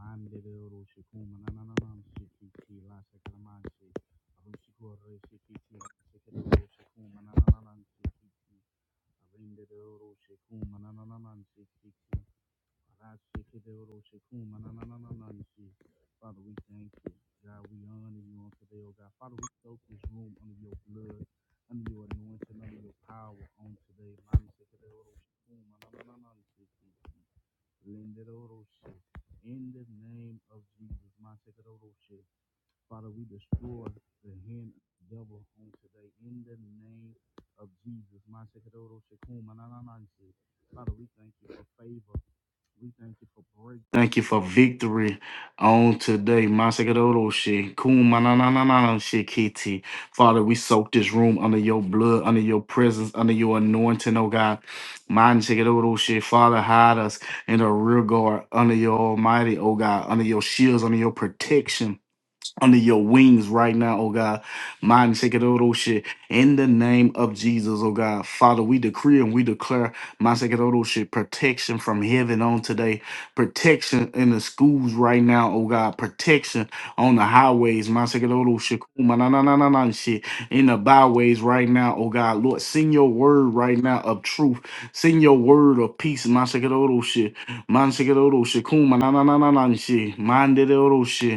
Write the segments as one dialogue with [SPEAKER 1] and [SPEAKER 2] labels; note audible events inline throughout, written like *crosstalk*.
[SPEAKER 1] Arendere oro shekuma nanananan shekiti. Father, we thank you. God, we honor you on today, oh God. Father, we soak this room under your blood, under your anointing, under your power on today. Manashikidoroshikumanananananshi. Lindoroshi. In the name of Jesus. Father, we destroy the hand of the devil on today in the name of Jesus. Masekadoro Shekuma Nananansi. Father, we thank you for favor. We thank you for break. Thank you for victory on today. Masekadoro Shekuma Nanananansi Kiti. Father, we soak this room under your blood, under your presence, under your anointing, oh God. Masekadoro She. Father, hide us in the rear guard under your almighty, oh God, under your shields, under your protection under your wings right now, oh God. Mind shaking all those shit. In the name of Jesus, oh God. Father, we decree and we declare, mind shaking all those shit, protection from heaven on today. Protection in the schools right now, oh God. Protection on the highways, mind shaking all those shit. Kuma na na na na na shit. In the byways right now, oh God. Lord, send your word right now of truth. Send your word of peace, mind shaking all those shit. Mind shaking all those shit. Kuma na na na na na shit. Mind it all shit.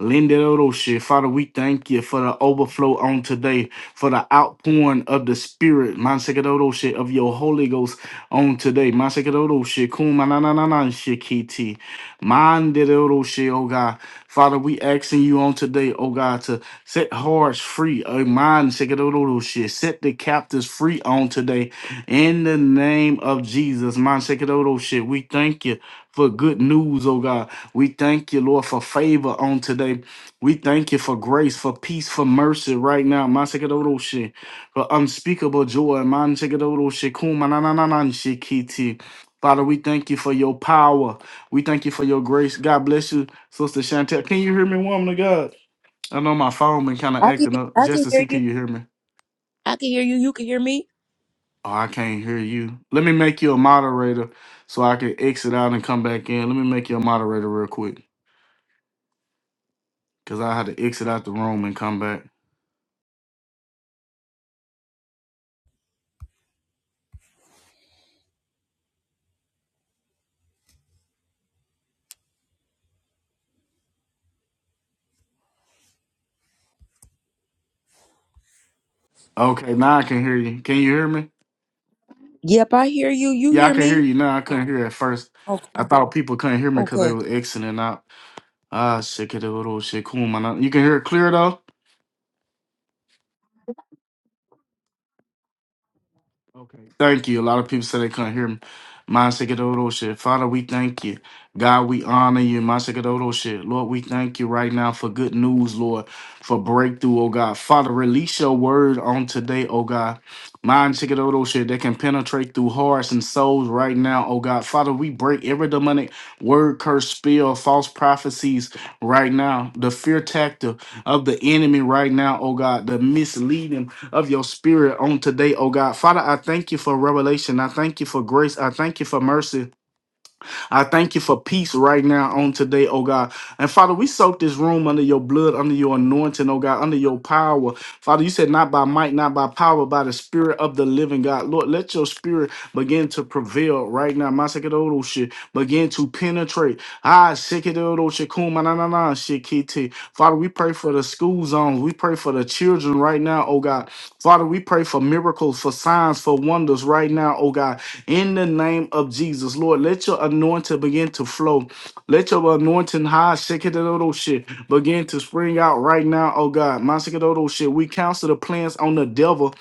[SPEAKER 1] Linderoshi. Father, we thank you for the overflow on today, for the outpouring of the Spirit, Mansekeroshi, of your Holy Ghost on today. Mansekeroshi, kumananananashi kiti. Manderoshi, oh God. Father, we asking you on today, oh God, to set hearts free, oh mind, Mansekeroshi. Set the captives free on today. In the name of Jesus, Mansekeroshi, we thank you for good news, oh God. We thank you, Lord, for favor on today. We thank you for grace, for peace, for mercy right now. Masekadoroshi, For unspeakable joy. Mansekadoroshi, kumanananananshikiti. Father, we thank you for your power. We thank you for your grace. God bless you, Sister Chantel. Can you hear me, woman of God? I know my phone been kind of
[SPEAKER 2] I can
[SPEAKER 1] acting up.
[SPEAKER 2] I
[SPEAKER 1] Just
[SPEAKER 2] can
[SPEAKER 1] to
[SPEAKER 2] hear
[SPEAKER 1] see,
[SPEAKER 2] you.
[SPEAKER 1] can you hear me?
[SPEAKER 2] I can hear you. You can hear me.
[SPEAKER 1] Oh, I can't hear you. Let me make you a moderator so I can exit out and come back in. Let me make you a moderator real quick. Cause I had to exit out the room and come back. Okay, now I can hear you. Can you hear me?
[SPEAKER 2] Yep, I hear you. You
[SPEAKER 1] Yeah, I
[SPEAKER 2] hear
[SPEAKER 1] can hear
[SPEAKER 2] me.
[SPEAKER 1] you now. I couldn't hear at first.
[SPEAKER 2] Okay.
[SPEAKER 1] I thought people couldn't hear me because they
[SPEAKER 2] Okay.
[SPEAKER 1] were exiting out. Ah, shit, it a little shit, cool, man. You can hear it clear though. Okay. Thank you. A lot of people said they couldn't hear me. Masekadoro shit. Father, we thank you. God, we honor you. Masekadoro shit. Lord, we thank you right now for good news, Lord, for breakthrough, oh God. Father, release your word on today, oh God. Masekadoro shit that can penetrate through hearts and souls right now, oh God. Father, we break every demonic word, curse, spell, false prophecies right now. The fear tactic of the enemy right now, oh God. The misleading of your spirit on today, oh God. Father, I thank you for revelation. I thank you for grace. I thank you for mercy. I thank you for peace right now on today, oh God. And Father, we soak this room under your blood, under your anointing, oh God, under your power. Father, you said not by might, not by power, by the spirit of the living God. Lord, let your spirit begin to prevail right now. Masakidoshi, begin to penetrate. Ah, shikidoshi, kumanana, shikiti. Father, we pray for the school zones. We pray for the children right now, oh God. Father, we pray for miracles, for signs, for wonders right now, oh God. In the name of Jesus, Lord, let your anointing begin to flow. Let your anointing high, Shekadodo shit, begin to spring out right now, oh God. My Shekadodo shit, we cancel the plans on the devil.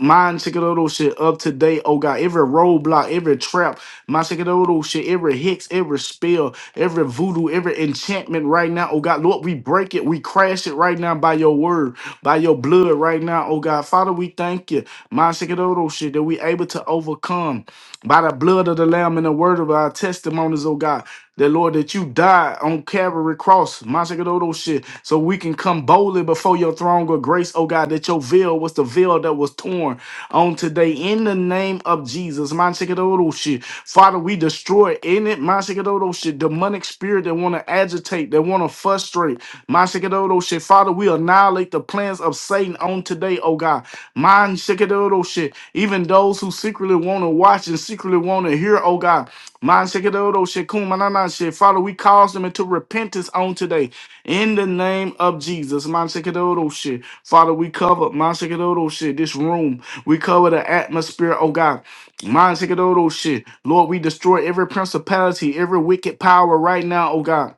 [SPEAKER 1] Mine Shekadodo shit up today, oh God. Every roadblock, every trap, my Shekadodo shit, every hex, every spell, every voodoo, every enchantment right now, oh God. Lord, we break it, we crash it right now by your word, by your blood right now, oh God. Father, we thank you, my Shekadodo shit, that we able to overcome by the blood of the Lamb and the word of our testimonies, oh God. That Lord, that you died on Calvary Cross, Masakododo shit, so we can come boldly before your throne of grace, oh God, that your veil was the veil that was torn on today in the name of Jesus, Masakododo shit you. Father, we destroy in it, Masikadodo shit, demonic spirit that want to agitate, that want to frustrate. Masikadodo shit. Father, we annihilate the plans of Satan on today, oh God. Man Shikadodo shit. Even those who secretly want to watch and secretly want to hear, oh God. Man Shikadodo shit, Kumanana shit. Father, we cause them into repentance on today. In the name of Jesus, Man Shikadodo shit. Father, we cover Man Shikadodo shit, this room. We cover the atmosphere, oh God. Mind Sikadoro shit. Lord, we destroy every principality, every wicked power right now, oh God.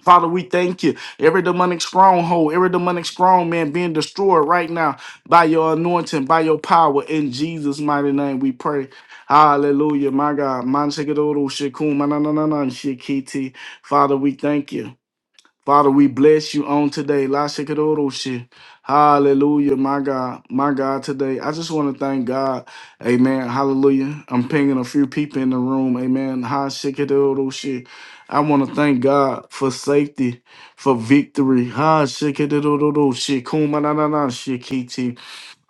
[SPEAKER 1] Father, we thank you. Every demonic stronghold, every demonic strong man being destroyed right now by your anointing, by your power. In Jesus' mighty name, we pray. Hallelujah, my God. Mind Man Sikadoro shit, Cool, man. na na na na shit, Kiti. Father, we thank you. Father, we bless you on today. La shikadoroshi. Hallelujah, my God, my God, today. I just want to thank God. Amen. Hallelujah. I'm pinging a few people in the room. Amen. Ha shikadoroshi. I want to thank God for safety, for victory. Ha shikadoroshi. Kumanana shikiti.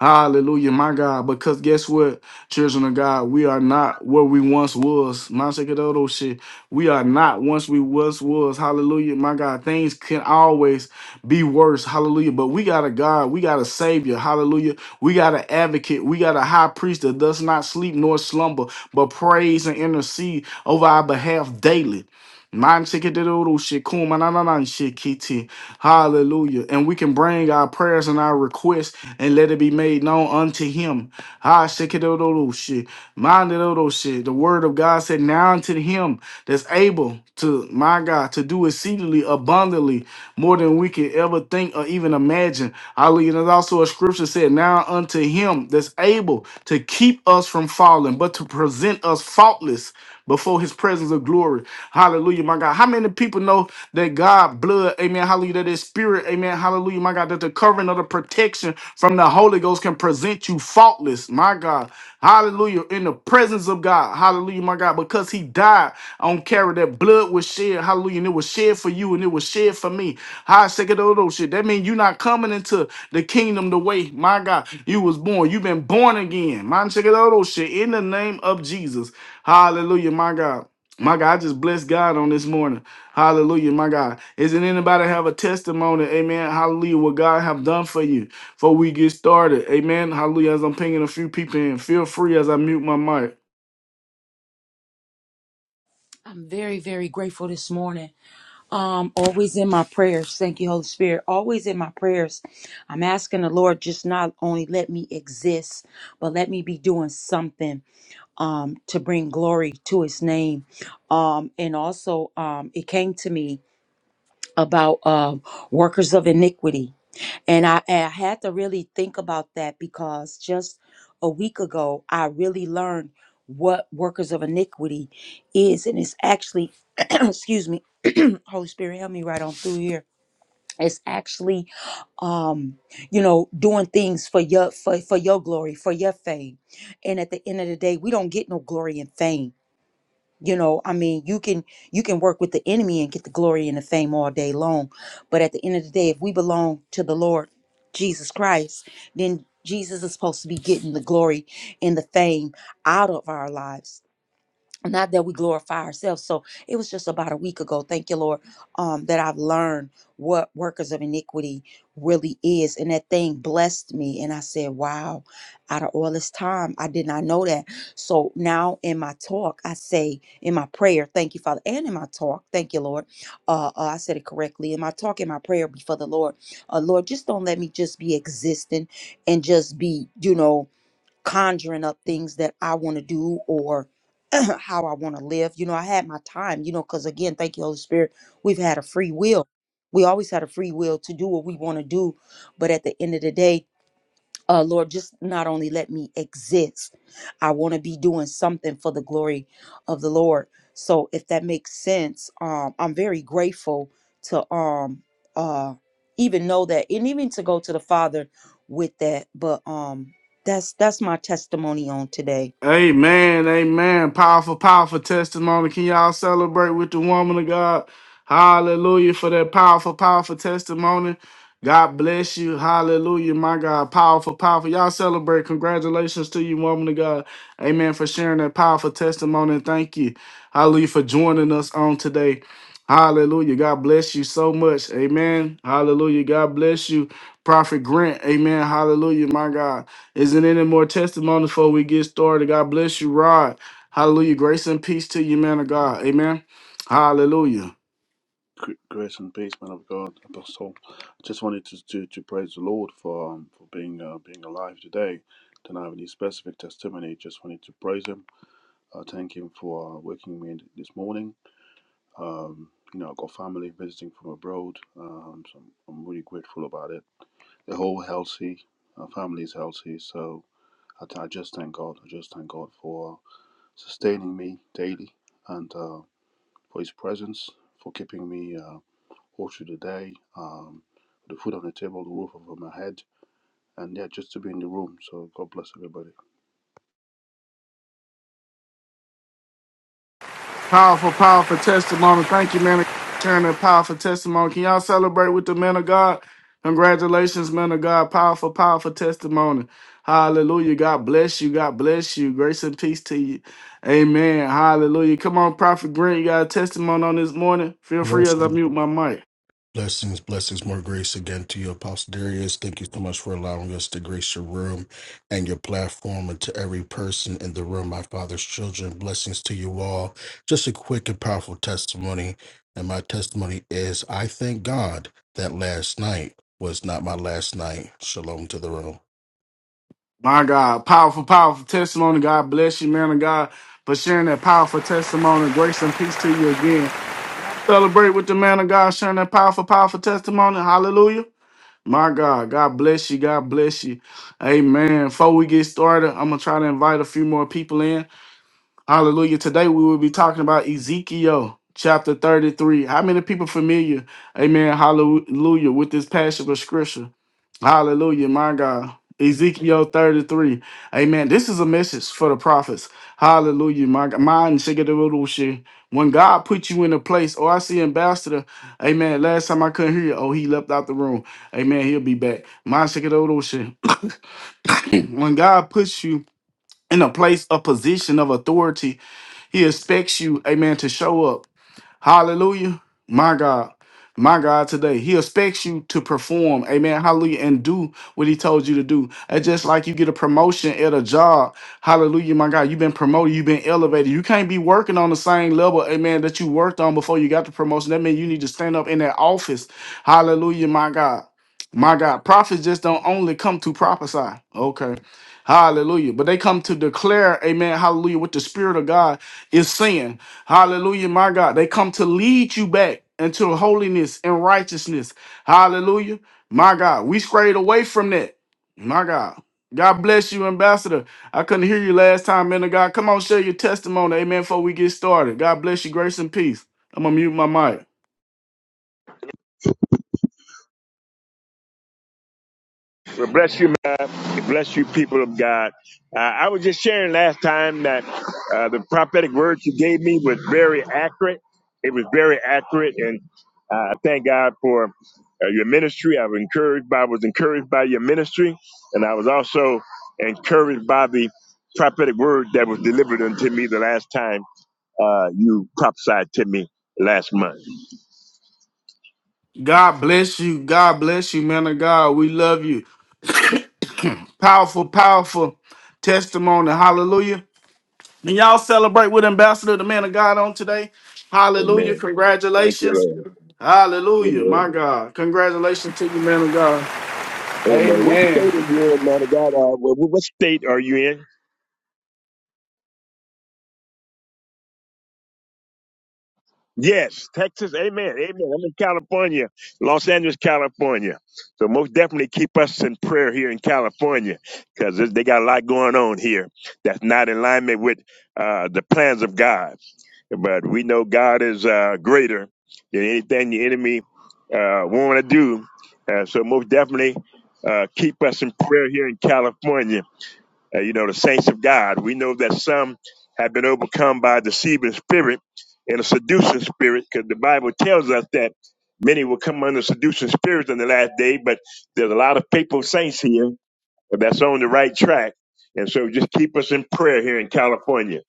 [SPEAKER 1] Hallelujah, my God. Because guess what, children of God, we are not where we once was. Man, check it out, Mashakedodo shit. We are not once we once was. Hallelujah, my God. Things can always be worse. Hallelujah. But we got a God. We got a Savior. Hallelujah. We got an advocate. We got a high priest that does not sleep nor slumber, but prays and intercede over our behalf daily. Man, check it out, oh shit, Cool, man, nah, nah, nah, shit, K T. Hallelujah. And we can bring our prayers and our requests and let it be made known unto him. Ah, shikidododoshe, mandidodoshe. The word of God said, Now unto him that's able to, my God, to do exceedingly abundantly more than we can ever think or even imagine. Hallelujah. There's also a scripture said, Now unto him that's able to keep us from falling, but to present us faultless before his presence of glory. Hallelujah, my God. How many people know that God blood, amen, hallelujah, that his spirit, amen, hallelujah, my God, that the covering of the protection from the Holy Ghost can present you faultless, my God. Hallelujah, in the presence of God. Hallelujah, my God, because he he died on Calvary, that blood was shed. Hallelujah. And it was shed for you and it was shed for me. High second of those shit. That means you're not coming into the kingdom the way, my God, you was born. You've been born again. Man, check it out, those shit. In the name of Jesus. Hallelujah, my God. My God, I just bless God on this morning. Hallelujah, my God. Isn't anybody have a testimony? Amen. Hallelujah. What God have done for you before we get started. Amen. Hallelujah. As I'm pinging a few people in, feel free as I mute my mic.
[SPEAKER 2] I'm very very grateful this morning. Um, always in my prayers. Thank you, Holy Spirit. Always in my prayers. I'm asking the Lord just not only let me exist, but let me be doing something um to bring glory to His name. Um, and also um, it came to me about uh, workers of iniquity And I, I had to really think about that because just a week ago, I really learned what workers of iniquity is. And it's actually, *clears throat* excuse me, *clears throat* Holy Spirit, help me right on through here. It's actually, um, you know, doing things for your for, for your glory, for your fame. And at the end of the day, we don't get no glory and fame you know, I mean, you can you can work with the enemy and get the glory and the fame all day long, but at the end of the day, if we belong to the Lord Jesus Christ, then Jesus is supposed to be getting the glory and the fame out of our lives not that we glorify ourselves. So it was just about a week ago. Thank you, Lord, um, that I've learned what workers of iniquity really is, and that thing blessed me. And I said, "Wow!" Out of all this time, I did not know that. So now in my talk, I say in my prayer, "Thank you, Father," and in my talk, "Thank you, Lord." Uh, uh, I said it correctly in my talk, in my prayer before the Lord. Uh, Lord, just don't let me just be existing and just be, you know conjuring up things that I want to do or *clears throat* how I want to live. You know, I had my time, you know, because again, thank you, Holy Spirit, we've had a free will. We always had a free will to do what we want to do. But at the end of the day, uh, Lord, just not only let me exist, I want to be doing something for the glory of the Lord. So if that makes sense, um, I'm very grateful to um uh even know that and even to go to the Father with that. But um that's that's my testimony on today.
[SPEAKER 1] Amen, amen. Powerful, powerful testimony. Can y'all celebrate with the woman of God? Hallelujah for that powerful, powerful testimony. God bless you. Hallelujah, my God. Powerful, powerful. Y'all celebrate. Congratulations to you, woman of God. Amen for sharing that powerful testimony. And thank you. Hallelujah for joining us on today. Hallelujah. God bless you so much. Amen. Hallelujah. God bless you. Prophet Grant. Amen. Hallelujah, my God. Isn't any more testimony before we get started? God bless you, Rod. Hallelujah. Grace and peace to you, man of God. Amen. Hallelujah.
[SPEAKER 3] gr- grace and peace, man of God, Apostle. I just wanted to to, to praise the Lord for um, for being uh, being alive today. Don't have any specific testimony. Just wanted to praise Him. Uh, thank Him for uh, waking me this morning. Um, you know, i got family visiting from abroad, um, so I'm, I'm really grateful about it. They're all healthy. Our family is healthy, so I, I just thank God. I just thank God for sustaining me daily and uh, for His presence, for keeping me. Uh, all through the day, um, the food on the table, the roof over my head, and yeah, just to be in the room. So God bless everybody.
[SPEAKER 1] Powerful, powerful testimony. Thank you, man, of God, for sharing that powerful testimony. Can y'all celebrate with the man of God? Congratulations, man of God. Powerful, powerful testimony. Hallelujah. God bless you. God bless you. Grace and peace to you. Amen. Hallelujah. Come on, Prophet Green. You got a testimony on this morning? Feel free as I
[SPEAKER 4] Blessings,
[SPEAKER 1] mute my mic.
[SPEAKER 4] blessings, blessings, more grace again to you, Apostle Darius. Thank you so much for allowing us to grace your room and your platform and to every person in the room, my father's children. Blessings to you all. Just a quick and powerful testimony. And my testimony is I thank God that last night was not my last night. Shalom to the room.
[SPEAKER 1] My God, powerful, powerful testimony. God bless you, man of God, for sharing that powerful testimony. Grace and peace to you again. Celebrate with the man of God, sharing that powerful, powerful testimony. Hallelujah. My God, God bless you. God bless you. Amen. Before we get started, I'm going to try to invite a few more people in. Hallelujah. Today we will be talking about Ezekiel chapter 33. How many people familiar, amen, hallelujah, with this passage of scripture? Hallelujah, my God. Ezekiel 33. Amen. This is a message for the prophets. Hallelujah, my God. Mine, shikadoodooshi. When God put you in a place, oh, I see ambassador. Amen. Last time I couldn't hear you. Oh, he left out the room. Amen. He'll be back. Mine, shikadoodooshi. *coughs* *clears throat* when God puts you in a place, a position of authority, he expects you, amen, to show up. Hallelujah. My God. My God, today He expects you to perform, Amen, Hallelujah, and do what He told you to do. It's just like you get a promotion at a job, Hallelujah, my God. You've been promoted, you've been elevated. You can't be working on the same level, Amen, that you worked on before you got the promotion. That means you need to stand up in that office, Hallelujah, my God, my God. Prophets just don't only come to prophesy, okay, Hallelujah, but they come to declare, Amen, Hallelujah, what the Spirit of God is saying. Hallelujah, my God. They come to lead you back into holiness and righteousness. Hallelujah, my God. We strayed away from that. My God. God bless you, Ambassador. I couldn't hear you last time, man of God. Come on, share your testimony, amen, before we get started. God bless you, grace and peace. I'm going to mute my mic.
[SPEAKER 5] Well, bless you, man. Bless you, people of God. Uh, I was just sharing last time that uh, the prophetic word you gave me was very accurate. It was very accurate, and uh, I thank God for uh, your ministry. I was encouraged by I was encouraged by your ministry, and I was also encouraged by the prophetic word that was delivered unto me the last time uh, you prophesied to me last month.
[SPEAKER 1] God bless you. God bless you, man of God. We love you. Powerful, powerful testimony. Hallelujah. And y'all celebrate with Ambassador, the man of God, on today. Hallelujah. Congratulations. Hallelujah. My God. Congratulations to you, man of God.
[SPEAKER 5] Amen. What
[SPEAKER 1] Amen.
[SPEAKER 5] state are you in, man of God? Uh, what, what state are you in? Yes, Texas, amen, amen. I'm in California, Los Angeles, California. So most definitely keep us in prayer here in California because they got a lot going on here that's not in alignment with uh, the plans of God. But we know God is uh, greater than anything the enemy uh, want to do. Uh, so most definitely uh, keep us in prayer here in California uh, you know, the saints of God. We know that some have been overcome by a deceiving spirit and a seducing spirit, because the Bible tells us that many will come under seducing spirits in the last day, but there's a lot of faithful saints here that's on the right track. And so just keep us in prayer here in California.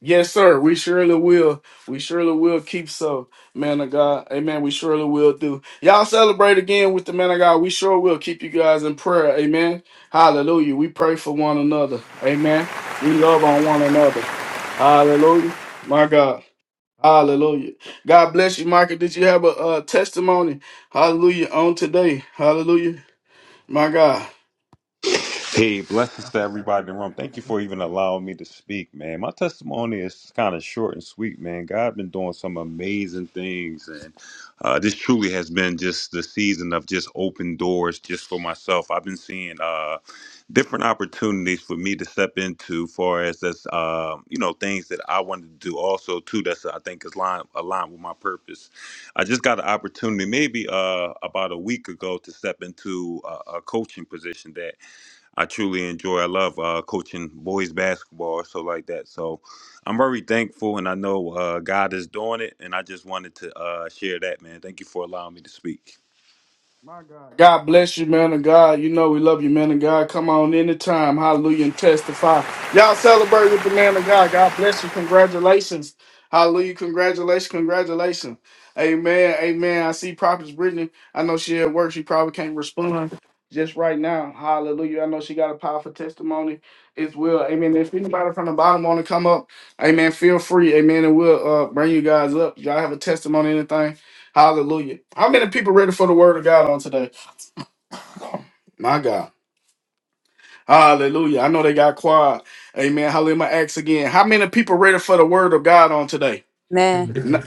[SPEAKER 1] Yes, sir. We surely will. We surely will keep so, man of God. Amen. We surely will do. Y'all celebrate again with the man of God. We sure will keep you guys in prayer. Amen. Hallelujah. We pray for one another. Amen. We love on one another. Hallelujah. My God. Hallelujah. God bless you, Michael. Did you have a, uh testimony? Hallelujah. On today. Hallelujah. My God.
[SPEAKER 6] Hey, blessings to everybody in the room. Thank you for even allowing me to speak, man. My testimony is kind of short and sweet, man. God been doing some amazing things, and uh, this truly has been just the season of just open doors just for myself. I've been seeing uh, different opportunities for me to step into, far as that's uh, you know things that I wanted to do. Also, too, that's I think is line aligned with my purpose. I just got an opportunity maybe uh, about a week ago to step into a, a coaching position that I truly enjoy. I love uh, coaching boys basketball, or so like that. So I'm very thankful, and I know uh, God is doing it. And I just wanted to uh, share that, man. Thank you for allowing me to speak.
[SPEAKER 1] My God. God bless you, man of God. You know we love you, man of God. Come on anytime. Hallelujah and testify. Y'all celebrate with the man of God. God bless you. Congratulations. Hallelujah. Congratulations. Congratulations. Amen. Amen. I see Prophetess Brittany. I know she at work. She probably can't respond just right now. Hallelujah. I know she got a powerful testimony as well. Amen. If anybody from the bottom want to come up, amen, feel free. Amen. And we'll uh, bring you guys up. Y'all have a testimony, anything? Hallelujah. How many people ready for the word of God on today? My God. Hallelujah. I know they got quiet. Amen. Hallelujah. I'm gonna ask again. How many people ready for the word of God on today?
[SPEAKER 2] Man,
[SPEAKER 4] Amen.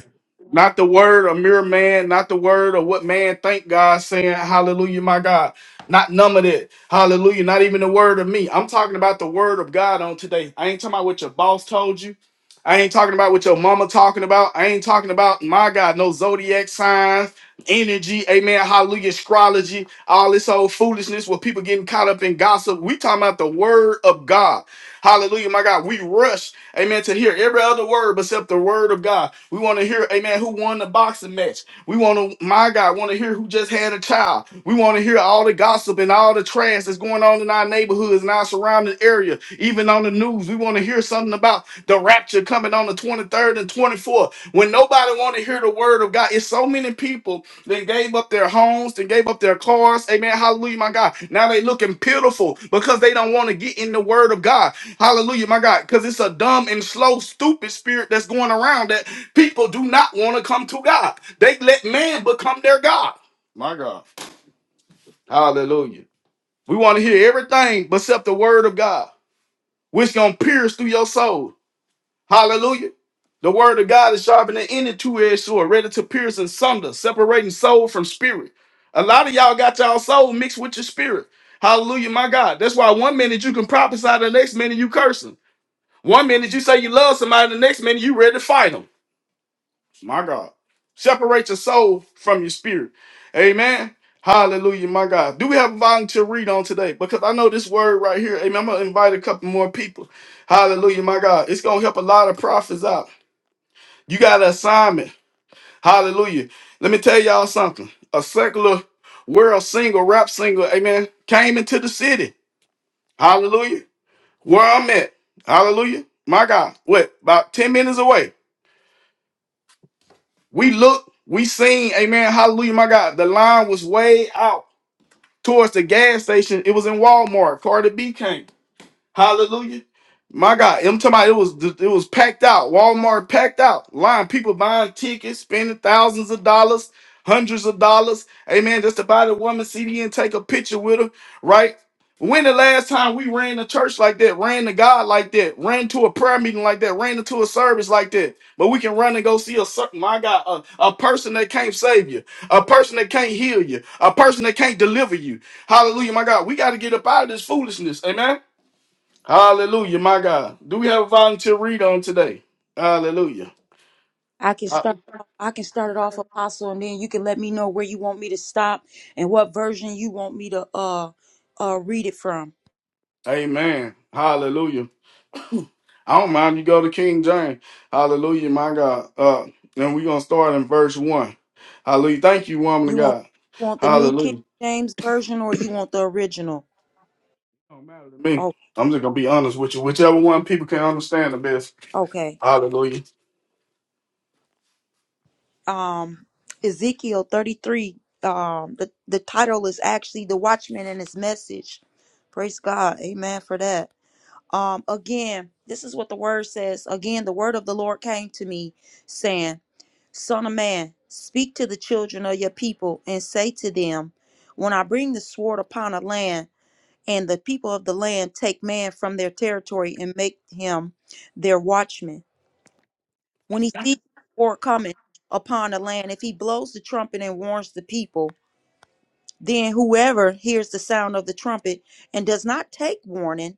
[SPEAKER 1] Not the word of mere man, not the word of what man think God saying, Hallelujah, my God. Not none of that. Hallelujah. Not even the word of me. I'm talking about the word of God on today. I ain't talking about what your boss told you. I ain't talking about what your mama talking about. I ain't talking about my God, no zodiac signs, energy, amen, hallelujah, astrology, all this old foolishness where people getting caught up in gossip. We talking about the word of God. Hallelujah, my God. We rush, amen, to hear every other word except the word of God. We want to hear, amen, who won the boxing match. We want to, my God, want to hear who just had a child. We want to hear all the gossip and all the trash that's going on in our neighborhoods and our surrounding area, even on the news. We want to hear something about the rapture coming on the 23rd and 24th. When nobody want to hear the word of God, it's so many people that gave up their homes. They gave up their cars. Amen. Hallelujah, my God. Now they looking pitiful because they don't want to get in the word of God. Hallelujah, my God. Because it's a dumb and slow, stupid spirit that's going around that. People do not want to come to God. They let man become their God. My God. Hallelujah. We want to hear everything except the word of God, which gonna pierce through your soul. Hallelujah. The word of God is sharper than any two-edged sword, ready to pierce and sunder, separating soul from spirit. A lot of y'all got y'all soul mixed with your spirit. Hallelujah, my God. That's why one minute you can prophesy, the next minute you cursing. One minute you say you love somebody, the next minute you ready to fight them. My God. Separate your soul from your spirit. Amen. Hallelujah, my God. Do we have a volunteer read on today? Because I know this word right here. Amen. I'm gonna invite a couple more people. Hallelujah, my God. It's gonna help a lot of prophets out. You got an assignment. Hallelujah. Let me tell y'all something. A secular world single, rap single, amen, came into the city. Hallelujah. Where I'm at. Hallelujah. My God. What? About 10 minutes away. We looked, we seen, amen, hallelujah, my God. The line was way out towards the gas station. It was in Walmart. Carter B came. Hallelujah. My God, I'm talking about it was it was packed out. Walmart packed out. Line people buying tickets, spending thousands of dollars, hundreds of dollars. Amen. Just to buy the woman CD and take a picture with her, right? When the last time we ran to church like that, ran to God like that, ran to a prayer meeting like that, ran into a service like that, but we can run and go see a certain, my God, a, a person that can't save you, a person that can't heal you, a person that can't deliver you. Hallelujah, my God. We got to get up out of this foolishness. Amen. Hallelujah, my God. Do we have a volunteer read on today? Hallelujah.
[SPEAKER 2] I can
[SPEAKER 1] Uh,
[SPEAKER 2] start I can start it off apostle and then you can let me know where you want me to stop and what version you want me to uh uh read it from.
[SPEAKER 1] Amen. Hallelujah. I don't mind you go to King James. Hallelujah, my God. Uh, and we're gonna start in verse one. Hallelujah. Thank you, woman of
[SPEAKER 2] You want
[SPEAKER 1] God.
[SPEAKER 2] you want the New King
[SPEAKER 1] Hallelujah.
[SPEAKER 2] James version or you want the original?
[SPEAKER 1] Don't matter to me.
[SPEAKER 2] Oh,
[SPEAKER 1] I'm just gonna be honest with you. Whichever one people can understand the best.
[SPEAKER 2] okay.
[SPEAKER 1] Hallelujah.
[SPEAKER 2] Um, Ezekiel 33. Um, the the title is actually "The Watchman and His Message." Praise God, Amen for that. Um, again, this is what the word says. Again, the word of the Lord came to me, saying, "Son of man, speak to the children of your people and say to them, When I bring the sword upon a land." and the people of the land take man from their territory and make him their watchman. When he sees war coming upon a land, if he blows the trumpet and warns the people, then whoever hears the sound of the trumpet and does not take warning,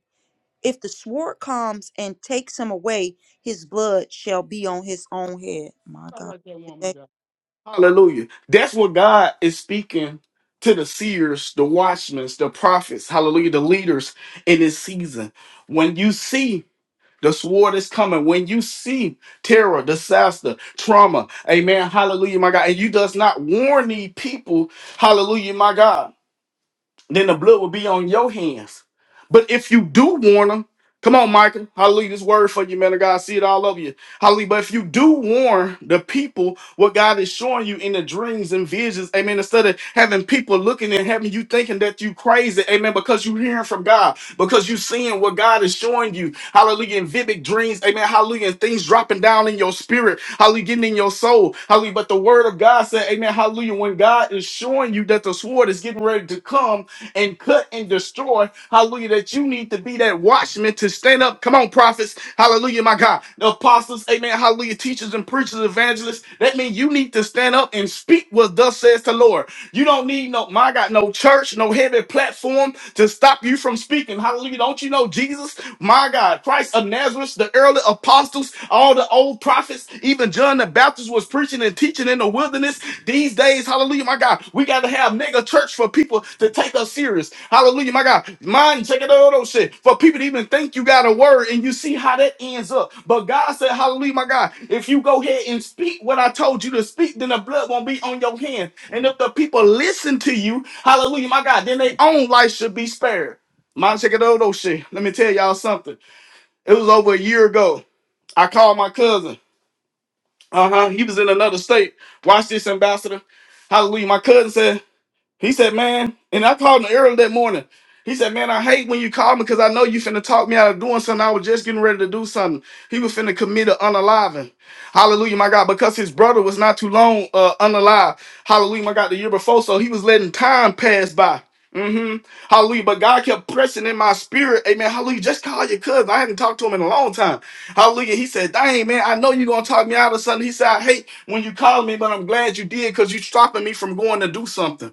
[SPEAKER 2] if the sword comes and takes him away, his blood shall be on his own head. My God, today,
[SPEAKER 1] Hallelujah. That's what God is speaking to the seers, the watchmen, the prophets, hallelujah, the leaders in this season. When you see the sword is coming, when you see terror, disaster, trauma, amen, hallelujah, my God, and you does not warn these people, hallelujah, my God then the blood will be on your hands. But if you do warn them, come on, Micah, hallelujah, this word for you, man of God, I see it all over you, hallelujah. But if you do warn the people what God is showing you in the dreams and visions, amen, instead of having people looking and having you thinking that you crazy, amen, because you hearing from God, because you seeing what God is showing you, hallelujah, in vivid dreams, amen, hallelujah, and things dropping down in your spirit, hallelujah, getting in your soul, hallelujah. But the word of God said, amen, hallelujah, when God is showing you that the sword is getting ready to come, and cut and destroy. Hallelujah. That you need to be that watchman to stand up. Come on, prophets. Hallelujah, my God. The apostles, amen. Hallelujah. Teachers and preachers, evangelists. That means you need to stand up and speak what thus says the Lord. You don't need no, my God, no church, no heavy platform to stop you from speaking. Hallelujah. Don't you know Jesus, my God, Christ of Nazareth, the early apostles, all the old prophets, even John the Baptist was preaching and teaching in the wilderness. These days, hallelujah, my God, we got to have mega church for people to. Take us serious. Hallelujah, my God. Mind check it out, those shit. For people to even think you got a word and you see how that ends up. But God said, Hallelujah, my God. If you go ahead and speak what I told you to speak, then the blood won't be on your hand. And if the people listen to you, hallelujah, my God, then their own life should be spared. Mind check it out, those shit. Let me tell y'all something. It was over a year ago. I called my cousin. Uh-huh. He was in another state. Watch this, ambassador. Hallelujah. My cousin said. He said, man, and I called him early that morning. He said, man, I hate when you call me because I know you finna talk me out of doing something. I was just getting ready to do something. He was finna commit an unaliving. Hallelujah, my God, because his brother was not too long uh, unalive. Hallelujah, my God, the year before. So he was letting time pass by. hmm Hallelujah. But God kept pressing in my spirit. Amen. Hallelujah. Just call your cousin. I haven't talked to him in a long time. Hallelujah. He said, Dang, man, I know you're going to talk me out of something. He said, I hate when you call me, but I'm glad you did because you're stopping me from going to do something.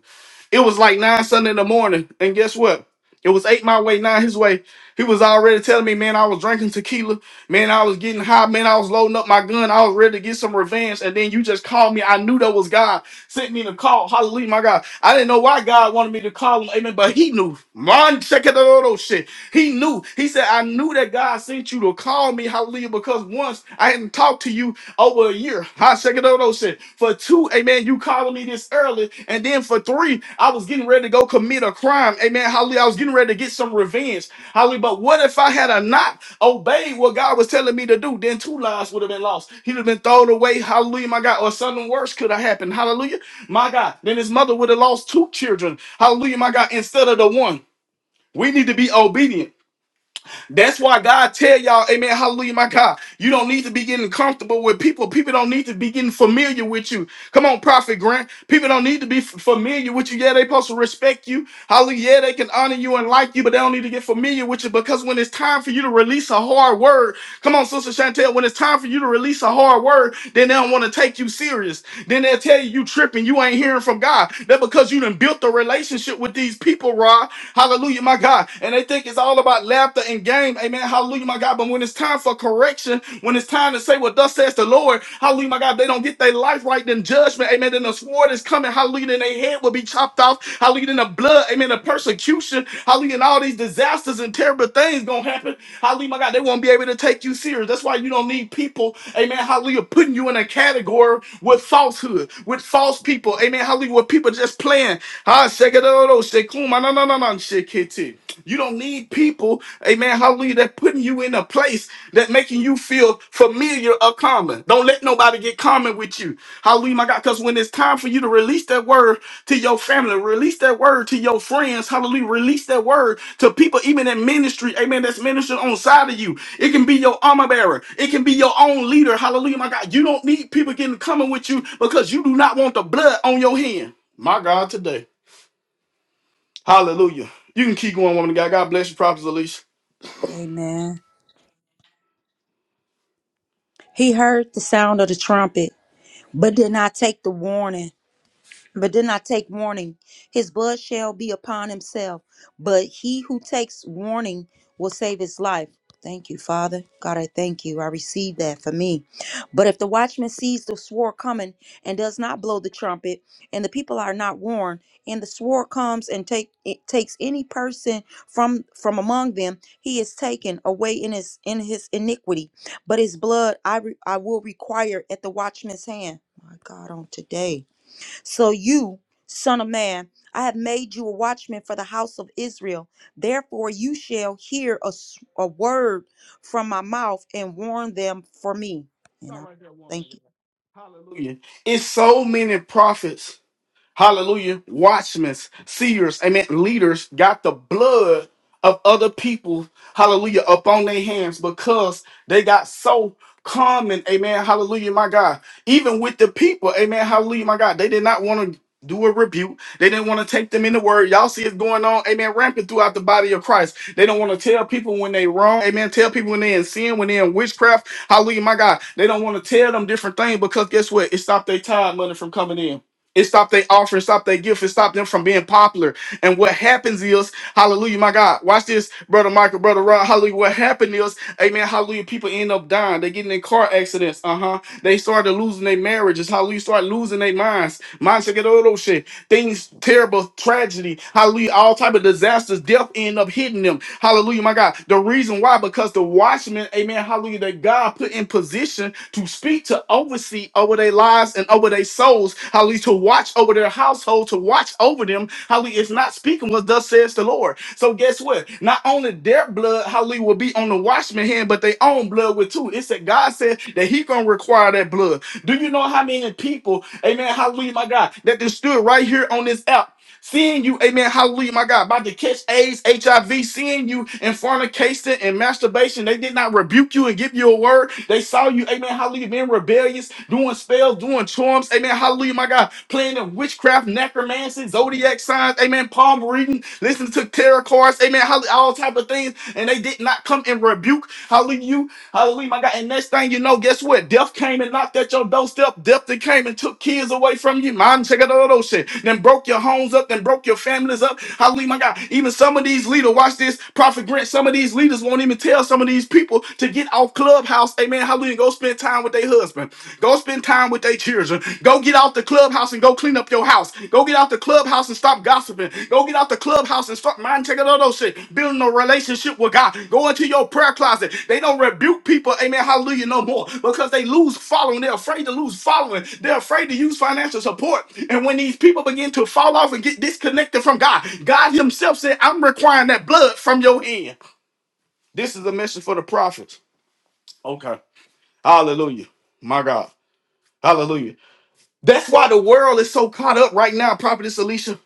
[SPEAKER 1] It was like nine Sunday in the morning, and guess what? It was eight my way, nine his way. He was already telling me, man, I was drinking tequila, man, I was getting high, man, I was loading up my gun, I was ready to get some revenge, and then you just called me. I knew that was God sent me to call. Hallelujah, my God. I didn't know why God wanted me to call him, amen, but he knew. Man, check it out, oh, shit. He knew. He said, I knew that God sent you to call me, hallelujah, because once I hadn't talked to you over a year. High Shekadodo said, for two, amen, you calling me this early. And then for three, I was getting ready to go commit a crime. Amen. Hallelujah. I was getting ready to get some revenge. Hallelujah. But what if I had a not obeyed what God was telling me to do? Then two lives would have been lost. He'd have been thrown away. Hallelujah, my God. Or something worse could have happened. Hallelujah. My God. Then his mother would have lost two children. Hallelujah, my God, instead of the one. We need to be obedient. That's why God tell y'all, Amen, Hallelujah, my God. You don't need to be getting comfortable with people. People don't need to be getting familiar with you. Come on, Prophet Grant. People don't need to be f- familiar with you. Yeah, they supposed to respect you. Hallelujah. Yeah, they can honor you and like you, but they don't need to get familiar with you because when it's time for you to release a hard word, come on, Sister Chantel, when it's time for you to release a hard word, then they don't want to take you serious. Then they'll tell you you tripping, you ain't hearing from God. That because you done built a relationship with these people, Rod. Hallelujah, my God. And they think it's all about laughter and game. Amen. Hallelujah, my God. But when it's time for correction, when it's time to say what thus says the Lord, hallelujah, my God, they don't get their life right, then judgment, amen. Then the sword is coming, hallelujah, then their head will be chopped off, hallelujah, then the blood, amen, the persecution, hallelujah, and all these disasters and terrible things gonna happen. Hallelujah, my God, they won't be able to take you serious. That's why you don't need people, amen, hallelujah, putting you in a category with falsehood, with false people, amen, hallelujah, with people just playing. Ha, shekadoro, shekuma, na, na, na, na, shekete. You don't need people, amen, hallelujah, that putting you in a place that making you feel familiar or common. Don't let nobody get common with you. Hallelujah, my God, because when it's time for you to release that word to your family, release that word to your friends, hallelujah, release that word to people even in ministry, amen, that's ministering on side of you. It can be your armor bearer. It can be your own leader, hallelujah, my God. You don't need people getting common with you because you do not want the blood on your hand. My God, today. Hallelujah. You can keep going, woman of God. God bless you, Prophet Alicia.
[SPEAKER 2] amen. He heard the sound of the trumpet, but did not take the warning. but did not take warning. His blood shall be upon himself. But he who takes warning will save his life. Thank you, Father. God, I thank you. I receive that for me. But if the watchman sees the swore coming and does not blow the trumpet, and the people are not warned, and the swore comes and take it takes any person from from among them, he is taken away in his in his iniquity. But his blood I re, I will require at the watchman's hand. My God, on today. So you, son of man, I have made you a watchman for the house of Israel. Therefore, you shall hear a, s- a word from my mouth and warn them for me. And
[SPEAKER 1] Stop
[SPEAKER 2] I
[SPEAKER 1] right there, woman of
[SPEAKER 2] thank
[SPEAKER 1] God.
[SPEAKER 2] you.
[SPEAKER 1] Hallelujah. It's so many prophets Hallelujah. Watchmen, seers, amen, leaders got the blood of other people, hallelujah, up on their hands because they got so common, amen, hallelujah, my God. Even with the people, amen, hallelujah, my God, they did not want to do a rebuke. They didn't want to take them in the word. Y'all see it going on, amen, rampant throughout the body of Christ. They don't want to tell people when they wrong, amen, tell people when they in sin, when they in witchcraft, hallelujah, my God. They don't want to tell them different things because guess what? It stopped their time money from coming in. It stopped their offering, stopped their gift, it stopped them from being popular. And what happens is, hallelujah, my God, watch this, brother Michael, brother Rod, hallelujah. What happened is, amen, hallelujah, people end up dying. They getting in car accidents, uh huh. They started losing their marriages, hallelujah, start losing their minds. Minds get all those shit. Things, terrible, tragedy, hallelujah, all type of disasters, death end up hitting them. Hallelujah, my God. The reason why, because the watchmen, amen, hallelujah, that God put in position to speak, to oversee over their lives and over their souls, hallelujah, to watch over their household, to watch over them, hallelujah, is not speaking what thus says the Lord. So guess what? Not only their blood, hallelujah, will be on the watchman hand, but their own blood will too. It said God said that He gonna require that blood. Do you know how many people, amen, hallelujah, my God, that just stood right here on this app Seeing you, amen, hallelujah, my God, about to catch AIDS, HIV, seeing you in fornication and masturbation, they did not rebuke you and give you a word. They saw you, amen, hallelujah, being rebellious, doing spells, doing charms, amen, hallelujah, my God, playing in witchcraft, necromancy, zodiac signs, amen, palm reading, listening to tarot cards, amen, hallelujah, all type of things, and they did not come and rebuke, hallelujah, you. Hallelujah, my God. And next thing you know, guess what? Death came and knocked at your doorstep. Death that came and took kids away from you. Mom, check out all those shit. Then broke your homes up, then broke your families up. Hallelujah, my God. Even some of these leaders, watch this, Prophet Grant, some of these leaders won't even tell some of these people to get off Clubhouse. Amen. Hallelujah. Go spend time with their husband. Go spend time with their children. Go get out the clubhouse and go clean up your house. Go get out the clubhouse and stop gossiping. Go get out the clubhouse and start mind checking all those shit. Building a relationship with God. Go into your prayer closet. They don't rebuke people, amen, hallelujah, no more because they lose following. They're afraid to lose following. They're afraid to use financial support. And when these people begin to fall off and get disconnected from God, God Himself said, I'm requiring that blood from your hand. This is a message for the prophets. Okay. Hallelujah. My God. Hallelujah. That's why the world is so caught up right now, Prophetess Alicia,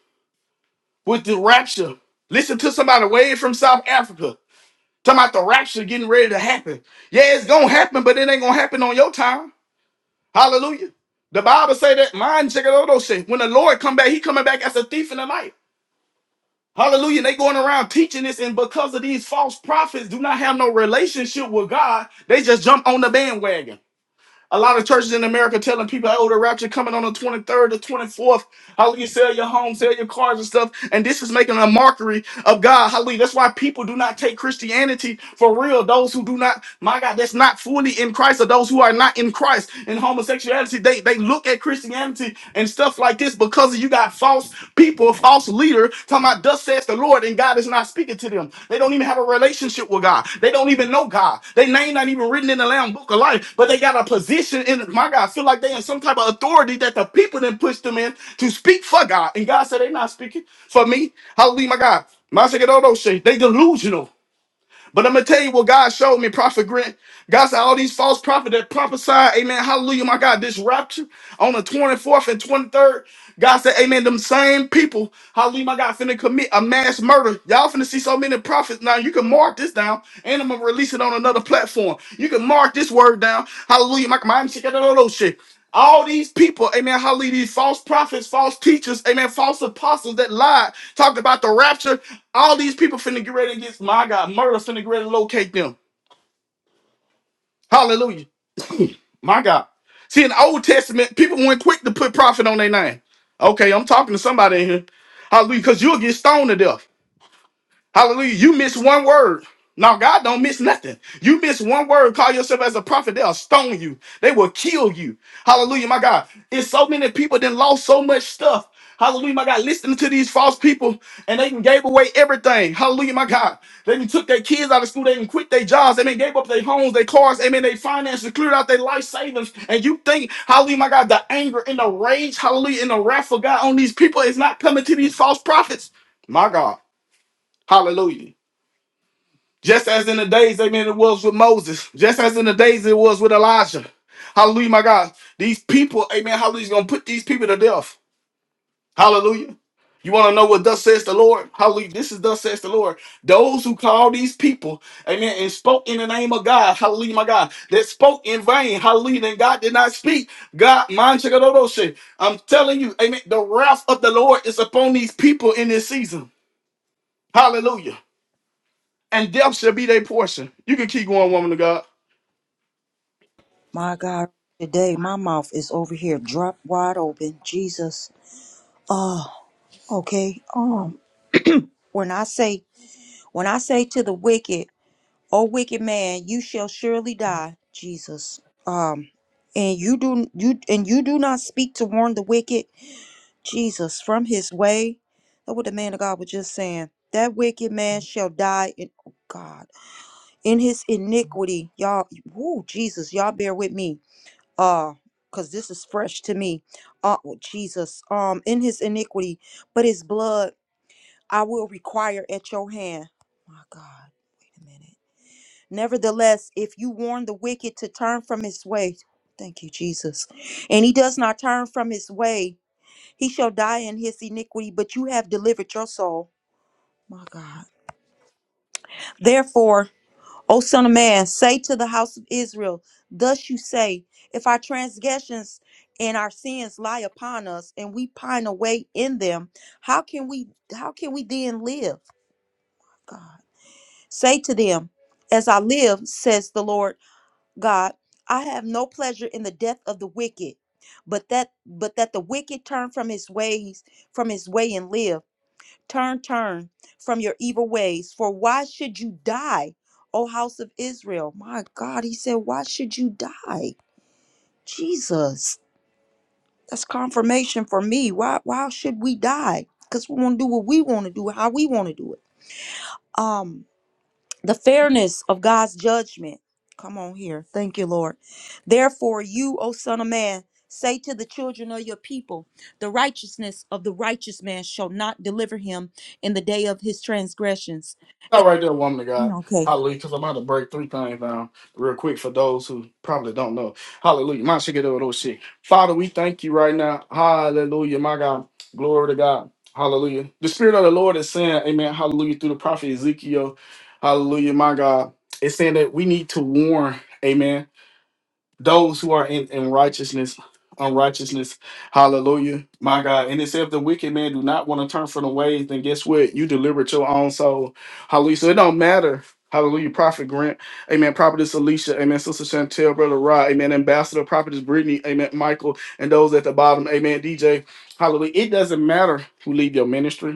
[SPEAKER 1] with the rapture. Listen to somebody way from South Africa talking about the rapture getting ready to happen. Yeah, it's gonna happen, but it ain't gonna happen on your time. Hallelujah. The Bible say that mine check it out those shit. When the Lord come back, he coming back as a thief in the night. Hallelujah. They going around teaching this, and because of these false prophets do not have no relationship with God, they just jump on the bandwagon. A lot of churches in America telling people, oh, the rapture coming on the 23rd or 24th. Hallelujah. Sell your home, sell your cars and stuff. And this is making a mockery of God. Hallelujah. That's why people do not take Christianity for real. Those who do not, my God, that's not fully in Christ, or those who are not in Christ in homosexuality, they, they look at Christianity and stuff like this because you got false people, a false leader, talking about thus says the Lord, and God is not speaking to them. They don't even have a relationship with God. They don't even know God. Their name not even written in the Lamb Book of Life, but they got a position in my God. Feel like they in some type of authority that the people then push them in to speak for God, and God said they're not speaking for me. Hallelujah, my God. My second, all those shit. They delusional. But I'm gonna tell you what God showed me, Prophet Grant. God said all these false prophets that prophesied, Amen. Hallelujah, my God. This rapture on the 24th and 23rd. God said, Amen. Them same people, hallelujah, my God, finna commit a mass murder. Y'all finna see so many prophets. Now you can mark this down, and I'm gonna release it on another platform. You can mark this word down. Hallelujah, my my all these people, amen, hallelujah, these false prophets, false teachers, amen, false apostles that lied, talked about the rapture. All these people finna get ready against my God. Murder finna get ready to locate them. Hallelujah. My God. See, in the Old Testament, people went quick to put prophet on their name. Okay, I'm talking to somebody in here. Hallelujah, because you'll get stoned to death. Hallelujah. You miss one word. Now, God don't miss nothing. You miss one word, call yourself as a prophet, they'll stone you. They will kill you. Hallelujah, my God. It's so many people that lost so much stuff. Hallelujah, my God. Listening to these false people and they done gave away everything. Hallelujah, my God. They done took their kids out of school. They done quit their jobs. They done gave up their homes, their cars. Amen. They finances, cleared out their life savings. And you think, hallelujah, my God, the anger and the rage, hallelujah, and the wrath of God on these people is not coming to these false prophets. My God. Hallelujah. Just as in the days, amen, it was with Moses. Just as in the days it was with Elijah. Hallelujah, my God. These people, amen, hallelujah, is going to put these people to death. Hallelujah. You want to know what thus says the Lord? Hallelujah. This is thus says the Lord. Those who call these people, amen, and spoke in the name of God, hallelujah, my God, that spoke in vain, hallelujah, and God did not speak. God, mind check out all those shit. I'm telling you, amen, the wrath of the Lord is upon these people in this season. Hallelujah. And death shall be their portion. You can keep going, woman of God.
[SPEAKER 2] My God, today my mouth is over here, dropped wide open. Jesus. Oh, okay. Um, when I say, when I say to the wicked, O wicked man, you shall surely die. Jesus. Um, and you do you and you do not speak to warn the wicked Jesus, from his way. That's what the man of God was just saying. That wicked man shall die in oh God in his iniquity. Y'all, whoo, Jesus, y'all bear with me. Uh, cause this is fresh to me. Uh oh, Jesus, um, in his iniquity, but his blood I will require at your hand. My God, wait a minute. Nevertheless, if you warn the wicked to turn from his way, thank you, Jesus, and he does not turn from his way, he shall die in his iniquity, but you have delivered your soul. My God. Therefore, O Son of Man, say to the house of Israel, Thus you say, If our transgressions and our sins lie upon us, and we pine away in them, how can we how can we then live? God. Say to them, As I live, says the Lord God, I have no pleasure in the death of the wicked, but that but that the wicked turn from his ways, from his way and live. Turn, turn from your evil ways, for why should you die, O house of Israel? My God, he said, why should you die? Jesus, that's confirmation for me. Why why should we die? Because we want to do what we want to do, how we want to do it. Um, the fairness of God's judgment. Come on here. Thank you, Lord. Therefore, you, O son of man, say to the children of your people, the righteousness of the righteous man shall not deliver him in the day of his transgressions
[SPEAKER 1] Not right there, woman of
[SPEAKER 2] Mm,
[SPEAKER 1] God.
[SPEAKER 2] okay.
[SPEAKER 1] Hallelujah. Because I'm about to break three things down real quick for those who probably don't know. Hallelujah. My shit, get over those shit. Father, we thank you right now. Hallelujah. My God. Glory to God. Hallelujah. The Spirit of the Lord is saying, Amen. Hallelujah. Through the prophet Ezekiel. Hallelujah. My God. It's saying that we need to warn. Amen those who are in, in righteousness, unrighteousness. Hallelujah. My God. And it says if the wicked man do not want to turn from the ways, then guess what? You delivered your own soul. Hallelujah. So it don't matter. Hallelujah. Prophet Grant. Amen. Prophetess Alicia. Amen. Sister Chantel, Brother Rod. Amen. Ambassador, Prophetess Brittany. Amen. Michael. And those at the bottom. Amen. DJ. Hallelujah. It doesn't matter who lead your ministry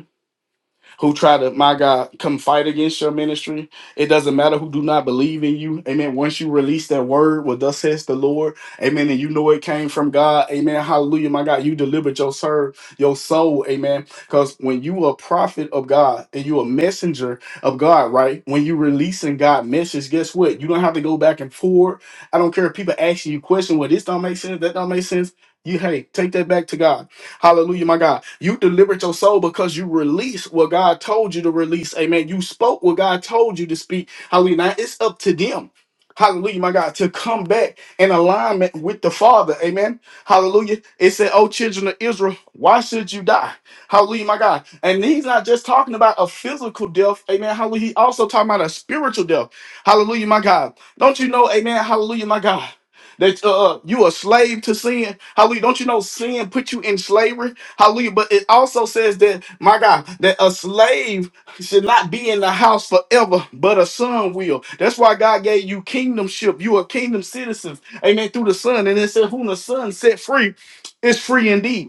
[SPEAKER 1] who try to, my God, come fight against your ministry. It doesn't matter who do not believe in you. Amen. Once you release that word, well, thus says the Lord. Amen. And you know it came from God. Amen. Hallelujah. My God, you delivered your serve, your soul. Amen. Because when you a prophet of God and you a messenger of God, right? When you releasing God message, guess what? You don't have to go back and forth. I don't care if people ask you question, well, this don't make sense, that don't make sense. You hey, take that back to God. Hallelujah, my God. You delivered your soul because you released what God told you to release. Amen. You spoke what God told you to speak. Hallelujah. Now it's up to them. Hallelujah, my God, to come back in alignment with the Father. Amen. Hallelujah. It said, Oh, children of Israel, why should you die? Hallelujah, my God. And he's not just talking about a physical death. Amen. Hallelujah. He also talking about a spiritual death. Hallelujah, my God. Don't you know, amen. Hallelujah, my God that uh uh, you a slave to sin. Hallelujah. Don't you know sin put you in slavery? Hallelujah. But it also says that my God, that a slave should not be in the house forever, but a son will. That's why God gave you kingdomship. You are kingdom citizens. Amen. Through the son. And it said, whom the son set free is free indeed.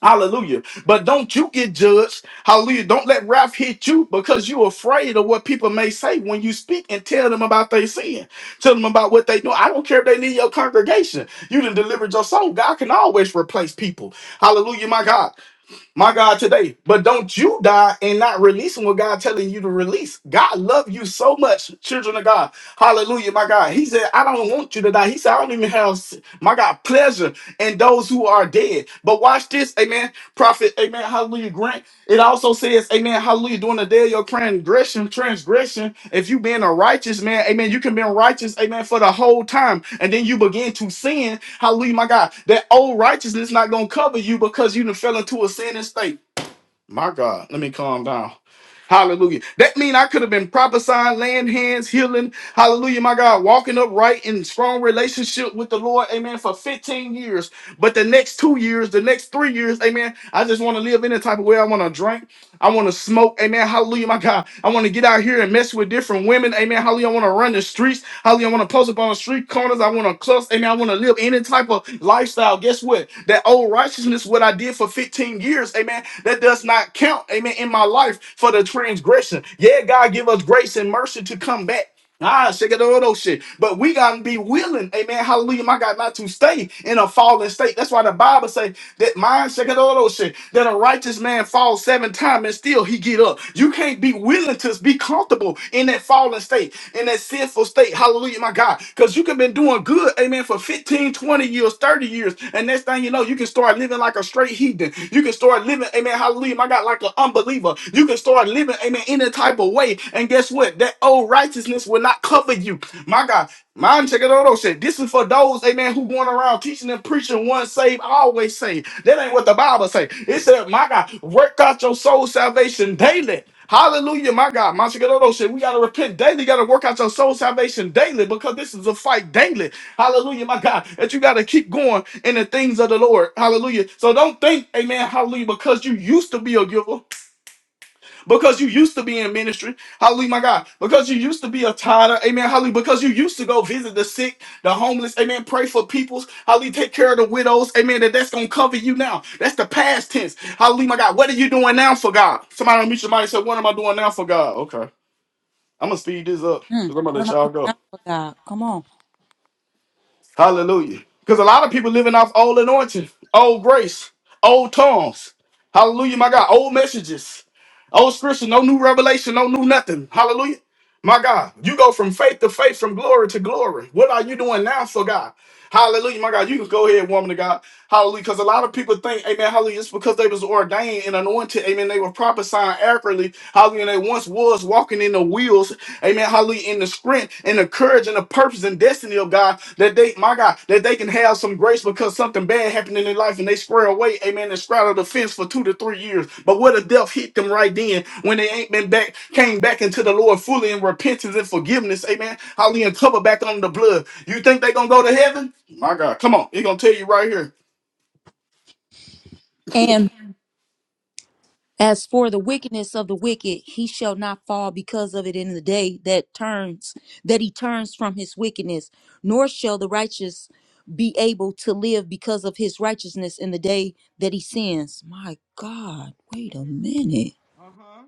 [SPEAKER 1] Hallelujah. But don't you get judged. Hallelujah. Don't let wrath hit you because you're afraid of what people may say when you speak and tell them about their sin. Tell them about what they do. I don't care if they leave your congregation. You done delivered your soul. God can always replace people. Hallelujah, my God my God, today. But don't you die and not releasing what God telling you to release. God love you so much, children of God. Hallelujah, my God. He said, I don't want you to die. He said, I don't even have, my God, pleasure in those who are dead. But watch this, amen. Prophet, amen, hallelujah, Grant. It also says, amen, hallelujah, during the day of your transgression, transgression, if you being a righteous man, amen, you can be righteous, amen, for the whole time. And then you begin to sin Hallelujah, my God. That old righteousness not gonna cover you because you done fell into a sin and state. My God, let me calm down. Hallelujah. That mean I could have been prophesying, laying hands, healing. Hallelujah, my God. Walking upright in strong relationship with the Lord. Amen. For 15 years. But the next two years, the next three years, amen. I just want to live any type of way. I want to drink. I want to smoke. Amen. Hallelujah, my God. I want to get out here and mess with different women. Amen. Hallelujah. I want to run the streets. Hallelujah. I want to post up on the street corners. I want to cluster. Amen. I want to live any type of lifestyle. Guess what? That old righteousness, what I did for 15 years, amen, that does not count, amen, in my life for the transgression. Yeah, God give us grace and mercy to come back. Ah, shake it all those shit. But we gotta be willing, amen. Hallelujah, my God, not to stay in a fallen state. That's why the Bible say that mine shake it all those shit. That a righteous man falls seven times and still he get up. You can't be willing to be comfortable in that fallen state in that sinful state. Hallelujah, my God. Because you could been doing good, amen, for 15, 20 years, 30 years. And next thing you know, you can start living like a straight heathen. You can start living, amen, hallelujah, my God, like an unbeliever. You can start living, amen, any type of way. And guess what? That old righteousness will not cover you. My God, Mind check it out. Said this is for those, amen, who going around teaching and preaching one save, always save. That ain't what the Bible say. It said, my God, work out your soul salvation daily. Hallelujah, my God. My Shigeru shit. We gotta repent daily. You gotta work out your soul salvation daily because this is a fight daily. Hallelujah, my God. That you gotta keep going in the things of the Lord. Hallelujah. So don't think, amen, hallelujah, because you used to be a giver because you used to be in ministry. Hallelujah, my God. Because you used to be a tither. Amen. Hallelujah. Because you used to go visit the sick, the homeless. Amen. Pray for peoples. Hallelujah. Take care of the widows. Amen. That that's going to cover you now. That's the past tense. Hallelujah, my God. What are you doing now for God? Somebody meet your mind and say, what am I doing now for God? Okay. I'm going to speed this up because
[SPEAKER 2] Mm,
[SPEAKER 1] I'm going to
[SPEAKER 2] what
[SPEAKER 1] let
[SPEAKER 2] am I
[SPEAKER 1] y'all
[SPEAKER 2] doing
[SPEAKER 1] go.
[SPEAKER 2] now for God? Come on.
[SPEAKER 1] Hallelujah. Because a lot of people living off old anointing, old grace, old tongues. Hallelujah, my God. Old messages, old scripture, no new revelation, no new nothing. Hallelujah. My God, you go from faith to faith, from glory to glory. What are you doing now for God? Hallelujah, my God. You can go ahead, woman of God. Hallelujah. Because a lot of people think, amen, hallelujah, it's because they was ordained and anointed. Amen. They were prophesying accurately. Hallelujah. and They once was walking in the wheels. Amen. Hallelujah. In the strength and the courage and the purpose and destiny of God, that they, my God, that they can have some grace because something bad happened in their life and they square away, amen, and straddle the fence for two to three years. But what if death hit them right then when they ain't been back, came back into the Lord fully in repentance and forgiveness, amen. Hallelujah. And cover back on the blood. You think they gonna go to heaven? My God, come on. He gonna tell you right here.
[SPEAKER 2] And as for the wickedness of the wicked, he shall not fall because of it in the day that turns that he turns from his wickedness, nor shall the righteous be able to live because of his righteousness in the day that he sins. My God, wait a minute.
[SPEAKER 1] Uh-huh.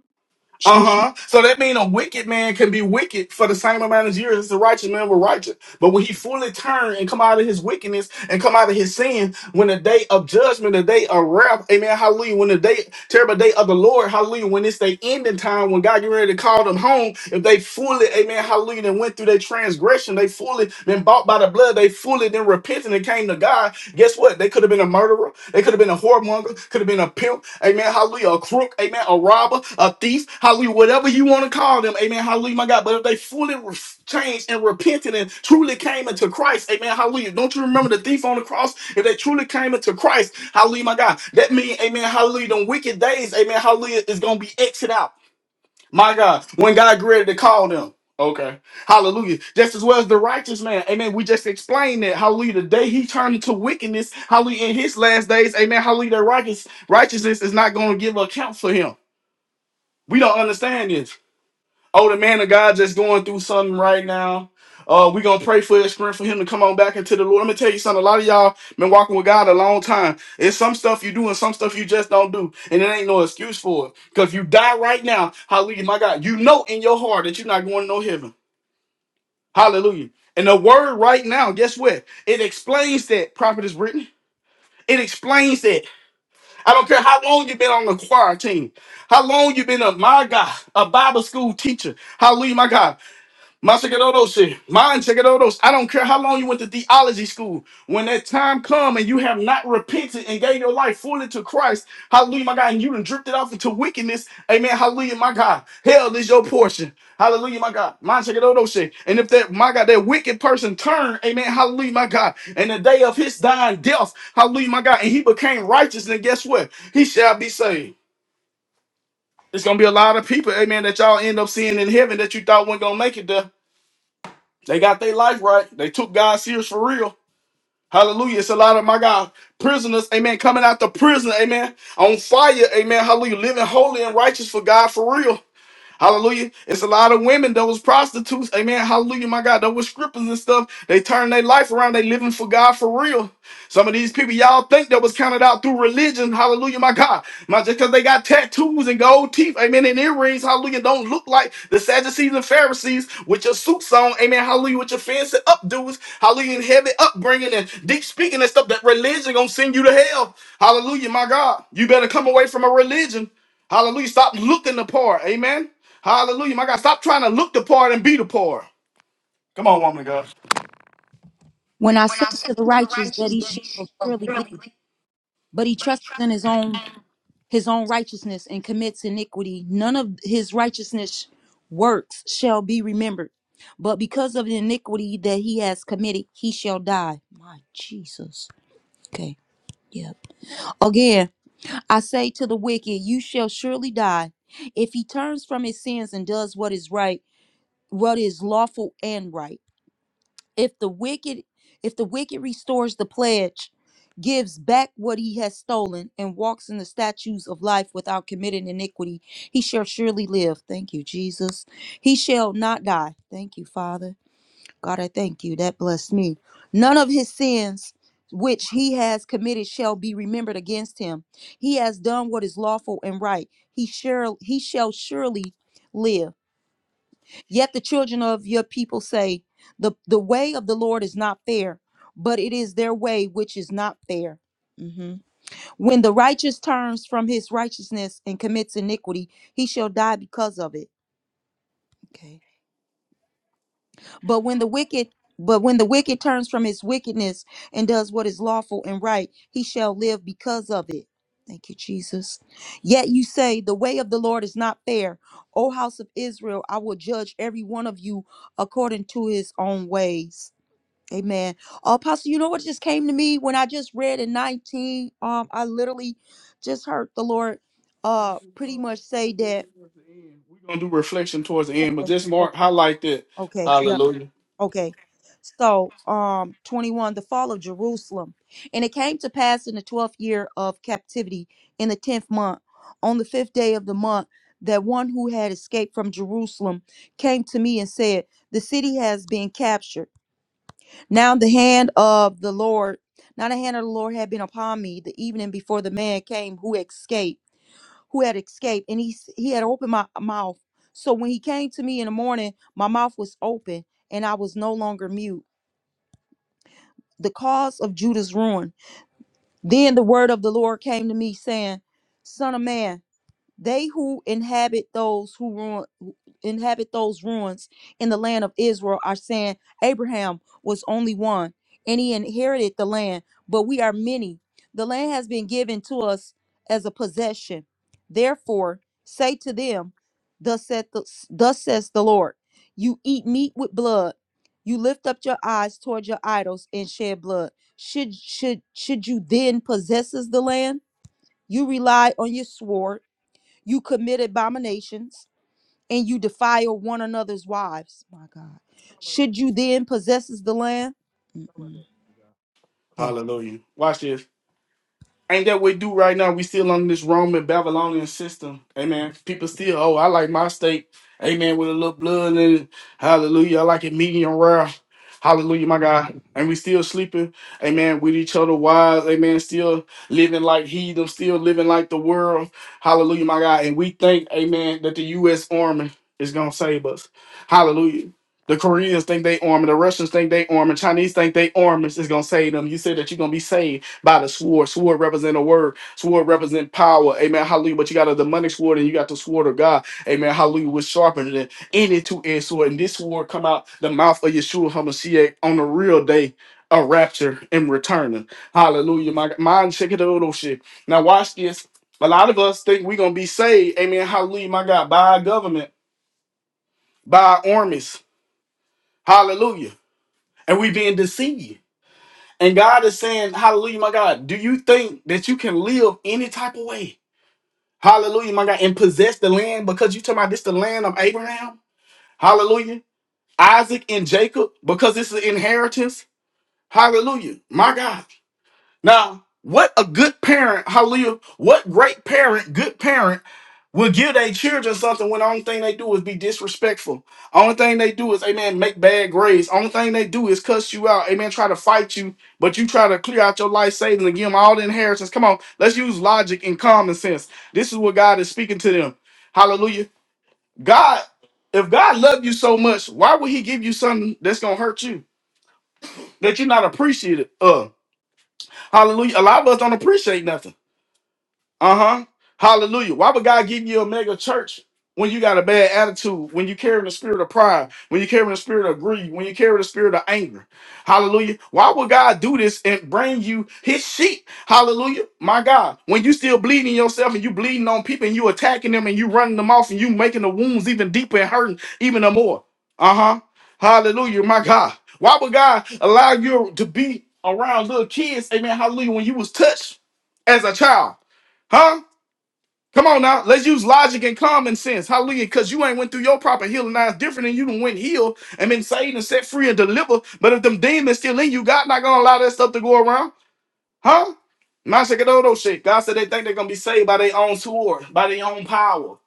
[SPEAKER 1] Uh
[SPEAKER 2] Gee.
[SPEAKER 1] huh. So that means a wicked man can be wicked for the same amount of years as a righteous man was righteous. But when he fully turn and come out of his wickedness and come out of his sin, when the day of judgment, the day of wrath, amen, hallelujah, when the day, terrible day of the Lord, hallelujah, when it's the ending time, when God get ready to call them home, if they fully, amen, hallelujah, then went through their transgression, they fully been bought by the blood, they fully then repented and came to God, guess what? They could have been a murderer. They could have been a whoremonger, could have been a pimp, amen, hallelujah, a crook, amen, a robber, a thief, hallelujah, whatever you want to call them, amen, hallelujah, my God. But if they fully re- changed and repented and truly came into Christ, amen, hallelujah. Don't you remember the thief on the cross? If they truly came into Christ, hallelujah, my God, that means, amen, hallelujah, them wicked days, amen, hallelujah, is going to be exited out. My God, when God created to call them. Okay. Hallelujah. Just as well as the righteous man. Amen. We just explained that. Hallelujah. The day he turned into wickedness. Hallelujah. In his last days. Amen. Hallelujah. That righteous, righteousness is not going to give account for him. We don't understand this. Oh, the man of God just going through something right now. Uh, we gonna pray for his strength for him to come on back into the Lord. Let me tell you something. A lot of y'all been walking with God a long time. It's some stuff you do and some stuff you just don't do, and it ain't no excuse for it. Cause you die right now, Hallelujah, my God. You know in your heart that you're not going to no heaven. Hallelujah. And the word right now, guess what? It explains that prophet is written. It explains that. I don't care how long you've been on the choir team, how long you have been a my God, a Bible school teacher. Hallelujah, my God. My those shit. Mine those. I don't care how long you went to theology school. When that time come and you have not repented and gave your life fully to Christ, hallelujah, my God, and you done dripped it off into wickedness. Amen. Hallelujah, my God. Hell is your portion. Hallelujah, my God. Mine those shit. And if that my God, that wicked person turned, amen, hallelujah, my God. And the day of his dying death, hallelujah, my God, and he became righteous, then guess what? He shall be saved. It's gonna be a lot of people, amen, that y'all end up seeing in heaven that you thought weren't gonna make it there. They got their life right. They took God serious for real. Hallelujah. It's a lot of my God prisoners, amen, coming out the prison, amen, on fire, amen. Hallelujah. Living holy and righteous for God for real. Hallelujah. It's a lot of women that was prostitutes. Amen. Hallelujah, my God. That was strippers and stuff. They turned their life around. They living for God for real. Some of these people y'all think that was counted out through religion. Hallelujah, my God. My, just because they got tattoos and gold teeth, amen, and earrings, hallelujah, don't look like the Sadducees and Pharisees with your suits on, amen, hallelujah, with your fancy updos, hallelujah, and heavy upbringing and deep speaking and stuff. That religion gonna send you to hell. Hallelujah, my God. You better come away from a religion. Hallelujah. Stop looking the part. Amen. Hallelujah. My God, stop trying to look the part and be the part. Come on, woman of God.
[SPEAKER 2] When I say to the righteous that he shall surely live, but he trusts in his own his own righteousness and commits iniquity, none of his righteousness works shall be remembered. But because of the iniquity that he has committed, he shall die. My Jesus. Okay. Yep. Again, I say to the wicked, you shall surely die. If he turns from his sins and does what is right, what is lawful and right if the wicked if the wicked restores the pledge gives back what he has stolen and walks in the statutes of life without committing iniquity he shall surely live thank you jesus he shall not die thank you father god i thank you that blessed me none of his sins which he has committed shall be remembered against him he has done what is lawful and right he shall he shall surely live Yet the children of your people say, the, the way of the Lord is not fair, but it is their way which is not fair. Mhm. When the righteous turns from his righteousness and commits iniquity, he shall die because of it. Okay. But when the wicked but when the wicked turns from his wickedness and does what is lawful and right, he shall live because of it. Thank you, Jesus. Yet you say, The way of the Lord is not fair. O house of Israel, I will judge every one of you according to his own ways. Amen. Uh, Apostle, you know what just came to me when I just read in 19? Um, I literally just heard the Lord uh pretty much say that.
[SPEAKER 1] We're going to do reflection towards the end, but just
[SPEAKER 2] Okay,
[SPEAKER 1] mark, highlight that.
[SPEAKER 2] okay, yeah.
[SPEAKER 1] Hallelujah.
[SPEAKER 2] Okay. So, um, 21, the fall of Jerusalem. And it came to pass in the 12th year of captivity, in the 10th month, on the fifth day of the month, that one who had escaped from Jerusalem came to me and said, The city has been captured. Now the hand of the Lord, now the hand of the Lord had been upon me the evening before the man came who escaped, who had escaped. And he, s- he had opened my mouth. So when he came to me in the morning, my mouth was open and I was no longer mute the cause of Judah's ruin. Then the word of the Lord came to me, saying, Son of man, they who inhabit those who ruin inhabit those ruins in the land of Israel are saying Abraham was only one and he inherited the land, but we are many. The land has been given to us as a possession. Therefore, say to them, Thus saith the, thus says the Lord, you eat meat with blood, you lift up your eyes toward your idols and shed blood. Should should should you then possess the land? You rely on your sword, you commit abominations and you defile one another's wives. My God. Should you then possess the land? Mm-mm. Okay.
[SPEAKER 1] Hallelujah. Watch this. ain't that we do right now? We still on this Roman Babylonian system. Amen. People still, oh, I like my steak. Amen. With a little blood in it. Hallelujah. I like it medium rare. Hallelujah, my God. And we still sleeping, amen, with each other wise, amen, still living like heathen, still living like the world. Hallelujah, my God. And we think, amen, that the U.S. Army is going to save us. Hallelujah. The Koreans think they army, the Russians think they army, Chinese think they army is going to save them. You said that you're going to be saved by the sword. Sword represent a word. Sword represent power. Amen. Hallelujah. But you got a demonic sword and you got the sword of God. Amen. Hallelujah. Which sharpened than any two-edged sword. And this sword come out the mouth of Yeshua HaMashiach on the real day of rapture and returning. Hallelujah. My mind check it out. oh, shit. Now watch this. A lot of us think we're gonna be saved. Amen. Hallelujah. My God. By our government, by our armies. Hallelujah. And we being deceived. And God is saying, Hallelujah, my God, do you think that you can live any type of way? Hallelujah, my God, and possess the land because you talking about this the land of Abraham? Hallelujah. Isaac and Jacob, because this is inheritance. Hallelujah. My God. Now, what a good parent, hallelujah, what great parent, good parent, will give their children something when the only thing they do is be disrespectful. Only thing they do is, amen, make bad grades. Only thing they do is cuss you out, amen, try to fight you, but you try to clear out your life savings and give them all the inheritance. Come on, let's use logic and common sense. This is what God is speaking to them. Hallelujah. God, if God loved you so much, why would he give you something that's going to hurt you, that you're not appreciative of? Hallelujah. A lot of us don't appreciate nothing. Uh-huh. Hallelujah. Why would God give you a mega church when you got a bad attitude, when you carry the spirit of pride, when you carry the spirit of greed, when you carry the spirit of anger? Hallelujah. Why would God do this and bring you his sheep? Hallelujah. My God. When you still bleeding yourself and you bleeding on people and you attacking them and you running them off and you making the wounds even deeper and hurting even the more. Uh-huh. Hallelujah. My God. Why would God allow you to be around little kids? Amen. Hallelujah. When you was touched as a child. Huh? Come on now. Let's use logic and common sense. Hallelujah. Because you ain't went through your proper healing. Now it's different than you done went healed and been saved and set free and delivered. But if them demons still in you, God not gonna allow that stuff to go around. Huh? Mashakododo shit. God said they think they're gonna be saved by their own sword, by their own power.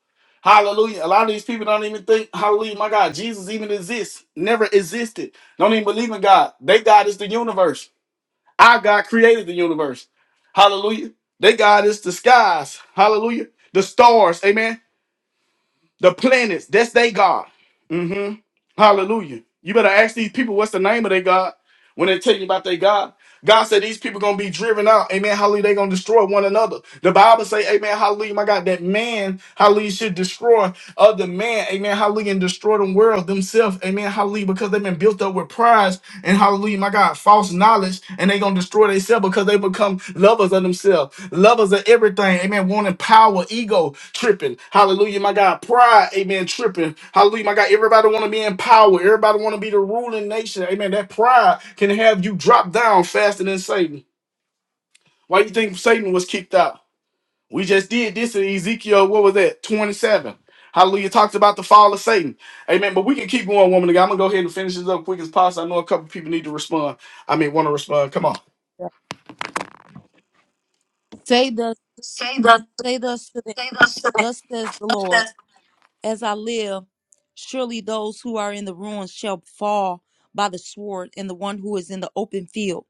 [SPEAKER 1] Hallelujah. A lot of these people don't even think, hallelujah, my God, Jesus even exists, never existed. Don't even believe in God. They God is the universe. Our God created the universe. Hallelujah. They God is the skies. Hallelujah. The stars. Amen. The planets. That's they God. hmm Hallelujah. You better ask these people what's the name of their God when they tell you about their God. God said these people gonna be driven out. Amen. Hallelujah. they gonna destroy one another. The Bible say, Amen, hallelujah, my God, that man, hallelujah, should destroy other man, amen, hallelujah, and destroy them world themselves, amen, hallelujah, because they've been built up with pride and hallelujah, my God, false knowledge, and they gonna destroy themselves because they become lovers of themselves, lovers of everything, amen. Wanting power, ego tripping, hallelujah, my God, pride, amen, tripping, hallelujah, my God. Everybody wanna be in power, everybody wanna be the ruling nation, amen. That pride can have you drop down faster than Satan. Why you think Satan was kicked out? We just did this in Ezekiel, what was that? 27. Hallelujah. Talks about the fall of Satan. Amen. But we can keep going, woman. of God. I'm going to go ahead and finish this up quick as possible. I know a couple people need to respond. I mean, want to respond. Come on.
[SPEAKER 2] Yeah. Say thus, say thus to them, thus says the Lord, as I live, surely those who are in the ruins shall fall by the sword, and the one who is in the open field.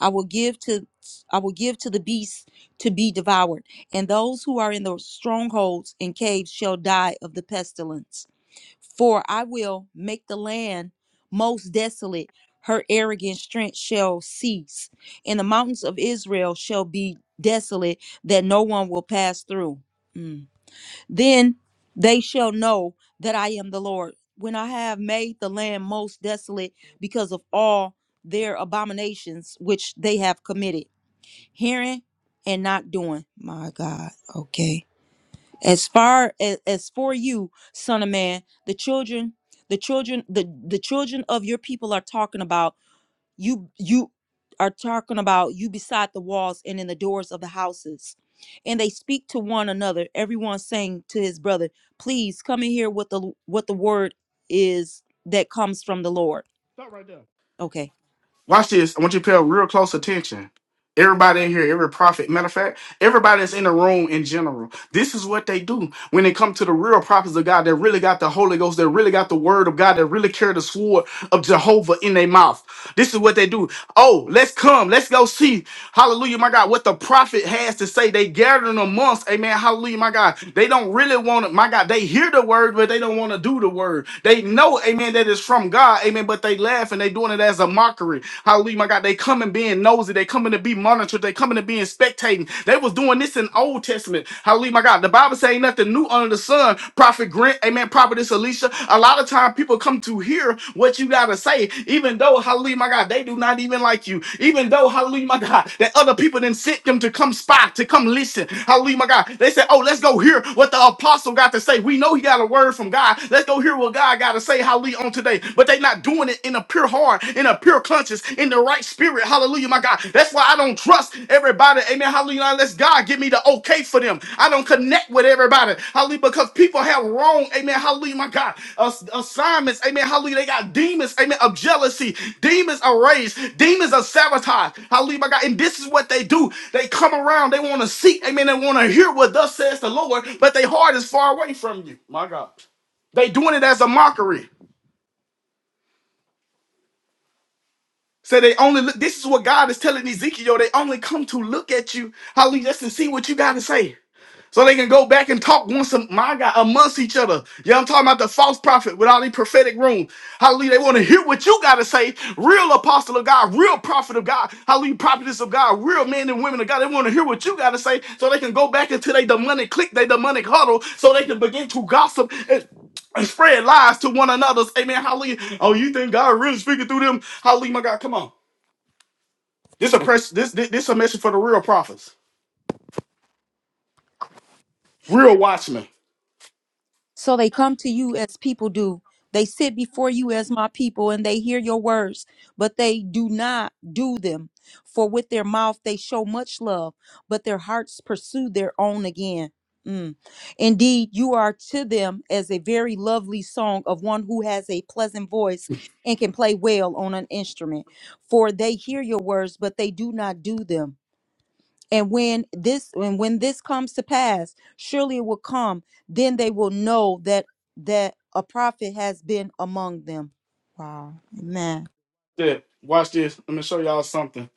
[SPEAKER 2] I will give to I will give to the beasts to be devoured, and those who are in the strongholds and caves shall die of the pestilence. For I will make the land most desolate, her arrogant strength shall cease, and the mountains of Israel shall be desolate, that no one will pass through. Mm. Then they shall know that I am the Lord, when I have made the land most desolate because of all their abominations which they have committed, hearing and not doing. My God, okay as far as, as for you son of man the children the children the the children of your people are talking about you you are talking about you beside the walls and in the doors of the houses and they speak to one another everyone saying to his brother please come and hear what the what the word is that comes from the lord
[SPEAKER 1] Stop right there.
[SPEAKER 2] Okay.
[SPEAKER 1] Watch this. I want you to pay real close attention. Everybody in here, every prophet, matter of fact, everybody that's in the room in general, this is what they do when it comes to the real prophets of God that really got the Holy Ghost, that really got the word of God, that really carry the sword of Jehovah in their mouth. This is what they do. Oh, let's come. Let's go see Hallelujah, my God. What the prophet has to say, they gathering amongst. Amen. Hallelujah, my God. They don't really want to, my God. They hear the word, but they don't want to do the word. They know, amen, that it's from God. Amen. But they laugh and they doing it as a mockery. Hallelujah, my God. They coming being nosy. They coming to be monitored. They coming to being spectating. They was doing this in Old Testament. Hallelujah, my God. The Bible say ain't nothing new under the sun. Prophet Grant, amen. Prophetess Alicia, a lot of time people come to hear what you got to say, even though, hallelujah, my God, they do not even like you. Even though, hallelujah, my God, that other people didn't sent them to come spy, to come listen. Hallelujah, my God. They said, oh, let's go hear what the apostle got to say. We know he got a word from God. Let's go hear what God got to say, hallelujah, on today. But they not doing it in a pure heart, in a pure conscience, in the right spirit. Hallelujah, my God. That's why that's why I don't trust everybody. Amen. Hallelujah. Unless God give me the okay for them. I don't connect with everybody. Hallelujah. Because people have wrong. Amen. Hallelujah. My God. Ass- assignments. Amen. Hallelujah. They got demons. Amen. Of jealousy. Demons of rage. Demons of sabotage. Hallelujah. My God. And this is what they do. They come around. They want to seek. Amen. They want to hear what thus says the Lord. But their heart is far away from you. My God. They doing it as a mockery. So they only look, this is what God is telling Ezekiel. They only come to look at you, hallelujah, just to see what you got to say. So they can go back and talk once a my God, amongst each other. Yeah, I'm talking about the false prophet with all the prophetic room. Hallelujah. They want to hear what you gotta say. Real apostle of God, real prophet of God, hallelujah, prophetess of God, real men and women of God. They want to hear what you gotta say so they can go back into their demonic clique, their demonic huddle, so they can begin to gossip and spread lies to one another's. Amen. Hallelujah. Oh, you think God really speaking through them? Hallelujah, my God. Come on. This a press. This this, this a message for the real prophets, real watchmen.
[SPEAKER 2] So they come to you as people do. They sit before you as my people and they hear your words, but they do not do them. For with their mouth they show much love, but their hearts pursue their own again. Mm. Indeed, you are to them as a very lovely song of one who has a pleasant voice and can play well on an instrument. For they hear your words, but they do not do them and when this and when this comes to pass surely it will come then they will know that that a prophet has been among them wow amen
[SPEAKER 1] Yeah, watch this. Let me show y'all something.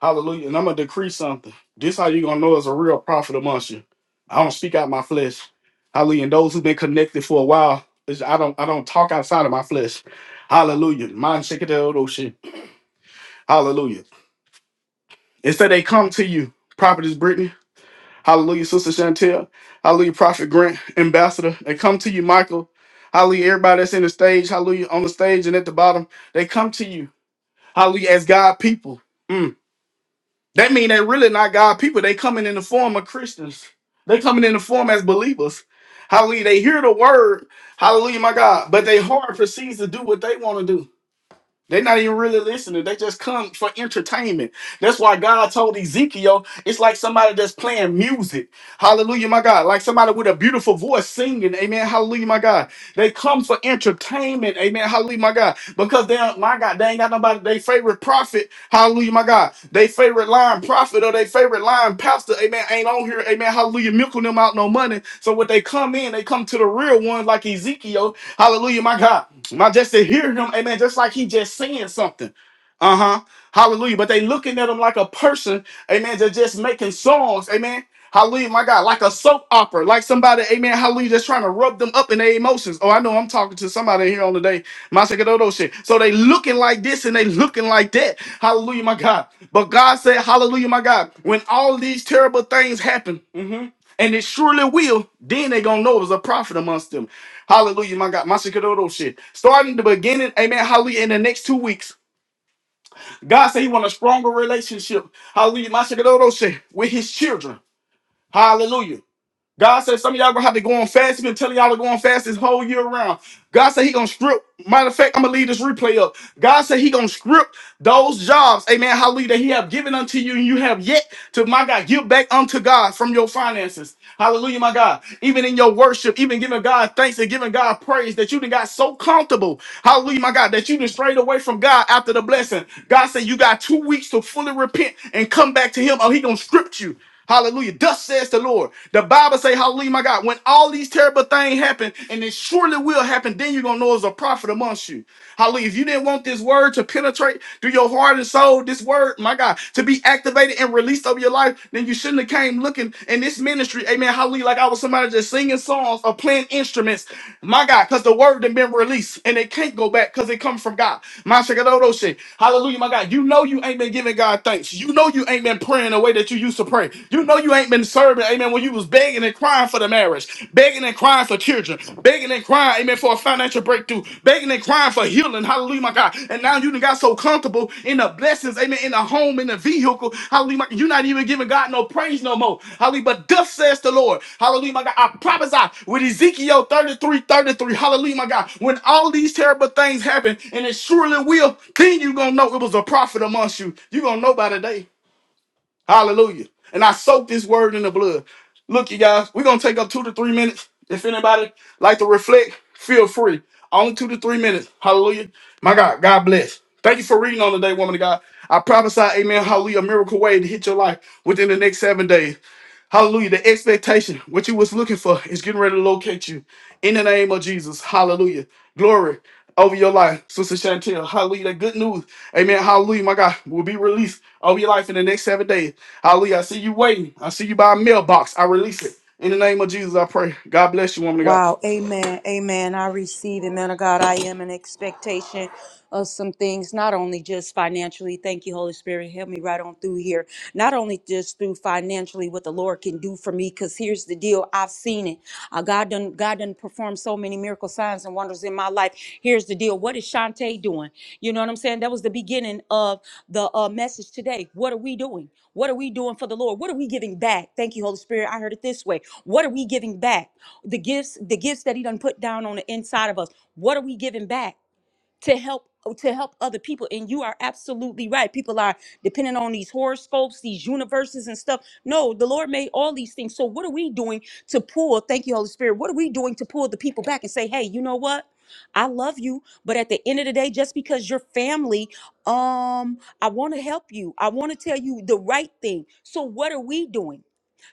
[SPEAKER 1] Hallelujah. And I'm gonna decree something. This how you gonna know is a real prophet amongst you. I don't speak out my flesh. Hallelujah. And those who've been connected for a while, is I don't I don't talk outside of my flesh. Hallelujah. Mind shaking the old shit. Hallelujah. Instead, they come to you, prophetess Brittany. Hallelujah, Sister Chantel. Hallelujah, Prophet Grant, Ambassador. They come to you, Michael. Hallelujah, everybody that's in the stage. Hallelujah, on the stage and at the bottom. They come to you. Hallelujah, as God people. Mm. That mean they really not God people. They coming in the form of Christians. They coming in the form as believers. Hallelujah, they hear the word. Hallelujah, my God. But they heart proceeds to do what they want to do. They're not even really listening. They just come for entertainment. That's why God told Ezekiel, it's like somebody that's playing music. Hallelujah, my God. Like somebody with a beautiful voice singing. Amen. Hallelujah, my God. They come for entertainment. Amen. Hallelujah, my God. Because they, don't- my God, they ain't got nobody. They favorite prophet. Hallelujah, my God. They favorite line prophet or they favorite line pastor. Amen. Ain't on here. Amen. Hallelujah. Milking them out no money. So when they come in, they come to the real ones. like Ezekiel. Hallelujah, my God. Now, just to hear him, amen, just like he just saying something. Uh huh. Hallelujah. But they looking at him like a person, amen, that just making songs, amen. Hallelujah, my God, like a soap opera, like somebody, amen, hallelujah, just trying to rub them up in their emotions. Oh, I know I'm talking to somebody here on the day, my Masakododo shit. So they looking like this and they looking like that. Hallelujah, my God. But God said, hallelujah, my God, when all these terrible things happen, mhm, and it surely will, then they going to know it was a prophet amongst them. Hallelujah, my God. My Shikadodo shit. Starting the beginning, amen. Hallelujah. In the next two weeks, God said He want a stronger relationship. Hallelujah, my Shikadodo shit with His children. Hallelujah. God said some of y'all gonna have to go on fast. He's been telling y'all to go on fast this whole year around. God said he gonna strip. Matter of fact, I'm gonna leave this replay up. God said he gonna strip those jobs, amen, hallelujah, that he have given unto you and you have yet to, my God, give back unto God from your finances. Hallelujah, my God. Even in your worship, even giving God thanks and giving God praise that you done got so comfortable, hallelujah, my God, that you done strayed away from God after the blessing. God said you got two weeks to fully repent and come back to him or he gonna strip you. Hallelujah. Thus says the Lord. The Bible say, hallelujah, my God, when all these terrible things happen, and it surely will happen, then you're going to know it's a prophet amongst you. Hallelujah. If you didn't want this word to penetrate through your heart and soul, this word, my God, to be activated and released over your life, then you shouldn't have came looking in this ministry. Amen. Hallelujah. Like I was somebody just singing songs or playing instruments. My God, because the word done been released and it can't go back because it comes from God. My shakadodo shit. Hallelujah, my God. You know you ain't been giving God thanks. You know you ain't been praying the way that you used to pray. You know you ain't been serving, amen, when you was begging and crying for the marriage marriage, begging and crying for children, begging and crying, amen, for a financial breakthrough, begging and crying for healing. Hallelujah, my God. And now you done got so comfortable in the blessings, amen, in the home, in the vehicle. Hallelujah, my- you're not even giving God no praise no more. Hallelujah, but thus says the Lord. Hallelujah, my God. I prophesy with Ezekiel 33:33, Hallelujah, my God. When all these terrible things happen, and it surely will, then you're going to know it was a prophet amongst you. You're going to know by today. Hallelujah. And I soak this word in the blood. Look, you guys, we're gonna take up two to three minutes. If anybody like to reflect, feel free. Only two to three minutes. Hallelujah. My God, God bless. Thank you for reading on today, woman of God. I prophesy, amen, hallelujah, a miracle way to hit your life within the next seven days. Hallelujah. The expectation, what you was looking for, is getting ready to locate you. In the name of Jesus. Hallelujah. Glory over your life, Sister Chantel. Hallelujah. That good news, amen, hallelujah, my God, will be released over your life in the next seven days. Hallelujah. I see you waiting. I see you by a mailbox. I release it. In the name of Jesus, I pray. God bless you, woman of God.
[SPEAKER 2] Wow. Amen. Amen. I receive it, man of God. I am in expectation of some things, not only just financially. Thank you, Holy Spirit. Help me right on through here. Not only just through financially what the Lord can do for me, because here's the deal. I've seen it. Uh, God done God done performed so many miracle signs and wonders in my life. Here's the deal. What is Shantae doing? You know what I'm saying? That was the beginning of the uh, message today. What are we doing? What are we doing for the Lord? What are we giving back? Thank you, Holy Spirit. I heard it this way. What are we giving back? the gifts the gifts that he done put down on the inside of us what are we giving back to help uh, to help other people and you are absolutely right people are depending on these horoscopes these universes and stuff no the lord made all these things so what are we doing to pull thank you holy spirit what are we doing to pull the people back and say hey you know what i love you but at the end of the day just because you're family um i want to help you i want to tell you the right thing so what are we doing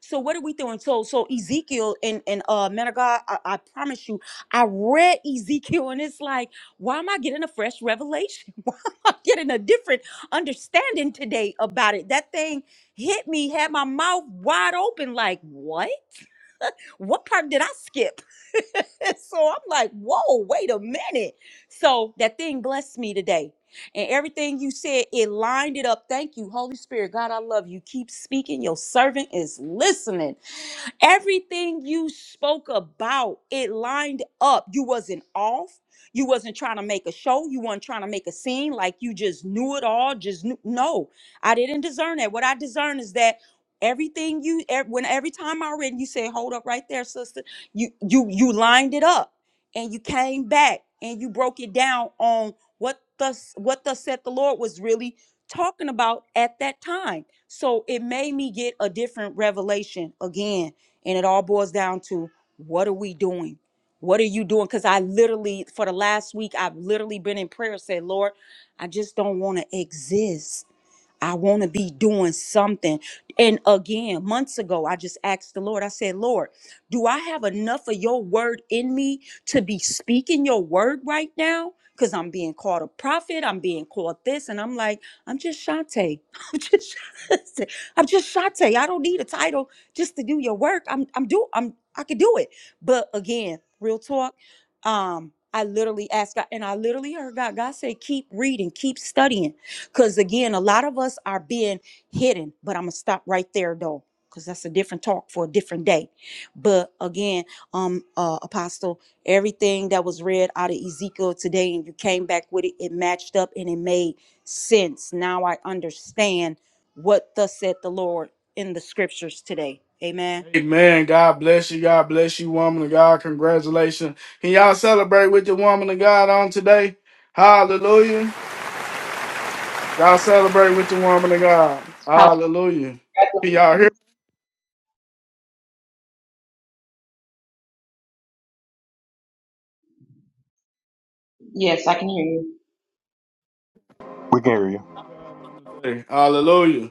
[SPEAKER 2] so what are we doing so so ezekiel and and uh man of god i, I promise you i read ezekiel and it's like why am I getting a fresh revelation? *laughs* I'm getting a different understanding today about it. That thing hit me, had my mouth wide open, like, what? What part did I skip? *laughs* so I'm like, whoa, wait a minute. So that thing blessed me today. And everything you said, it lined it up. Thank you, Holy Spirit. God, I love you. Keep speaking. Your servant is listening. Everything you spoke about, it lined up. You wasn't off. You wasn't trying to make a show. You weren't trying to make a scene like you just knew it all. Just knew. No, I didn't discern that. What I discern is that everything you ev- when every time I read, you say, "Hold up, right there, sister." You you you lined it up, and you came back and you broke it down on what the what the said the Lord was really talking about at that time. So it made me get a different revelation again and it all boils down to what are we doing? What are you doing? Because I literally, for the last week, I've literally been in prayer, said, Lord, I just don't want to exist. I want to be doing something. And again, months ago, I just asked the Lord, I said, Lord, do I have enough of your word in me to be speaking your word right now? Because I'm being called a prophet, I'm being called this, and I'm like, I'm just Shantae. *laughs* I'm just Shantae. I'm just Shantae. I don't need a title just to do your work. I'm I'm do I'm I could do it. But again, real talk, um, I literally asked God, and I literally heard God. God said, keep reading, keep studying because again, a lot of us are being hidden, but I'm going to stop right there though, because that's a different talk for a different day. But again, um, uh, Apostle, everything that was read out of Ezekiel today and you came back with it, it matched up and it made sense. Now I understand what thus said the Lord in the scriptures today. Amen.
[SPEAKER 1] Amen. God bless you. God bless you, woman of God. Congratulations. Can y'all celebrate with the woman of God on today? Hallelujah. Y'all celebrate with the woman of God. Hallelujah. Can y'all hear?
[SPEAKER 7] Congratulations. Yes, I can hear you.
[SPEAKER 1] Celebrate with the woman of God on today. Hallelujah.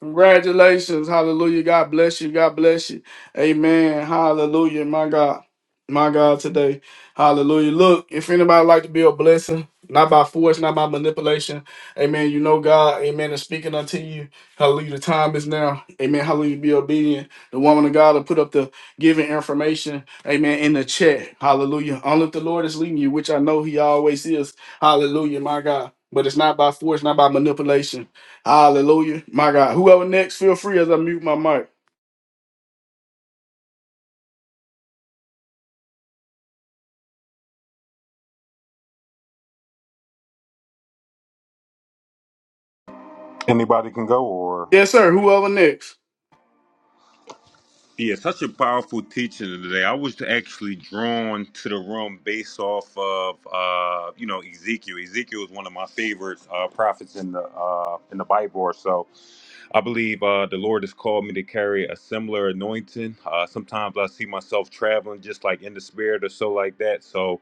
[SPEAKER 1] Congratulations. Hallelujah. God bless you. God bless you. Amen. Hallelujah. My God. My God today. Hallelujah. Look, if anybody like to be a blessing, not by force, not by manipulation. Amen. You know God. Amen. is speaking unto you. Hallelujah. The time is now. Amen. Hallelujah. Be obedient. The woman of God will put up the giving information. Amen. In the chat. Hallelujah. Only if the Lord is leading you, which I know he always is. Hallelujah. My God. But it's not by force, not by manipulation. Hallelujah. My God. Whoever next, feel free as I mute my mic.
[SPEAKER 6] Anybody can go, or
[SPEAKER 1] Yes, sir. Whoever next?
[SPEAKER 6] Yeah, such a powerful teaching today. I was actually drawn to the room based off of uh, you know Ezekiel. Ezekiel is one of my favorite uh, prophets in the uh, in the Bible, or so. I believe uh, the Lord has called me to carry a similar anointing. Uh, sometimes I see myself traveling just like in the spirit or so like that. So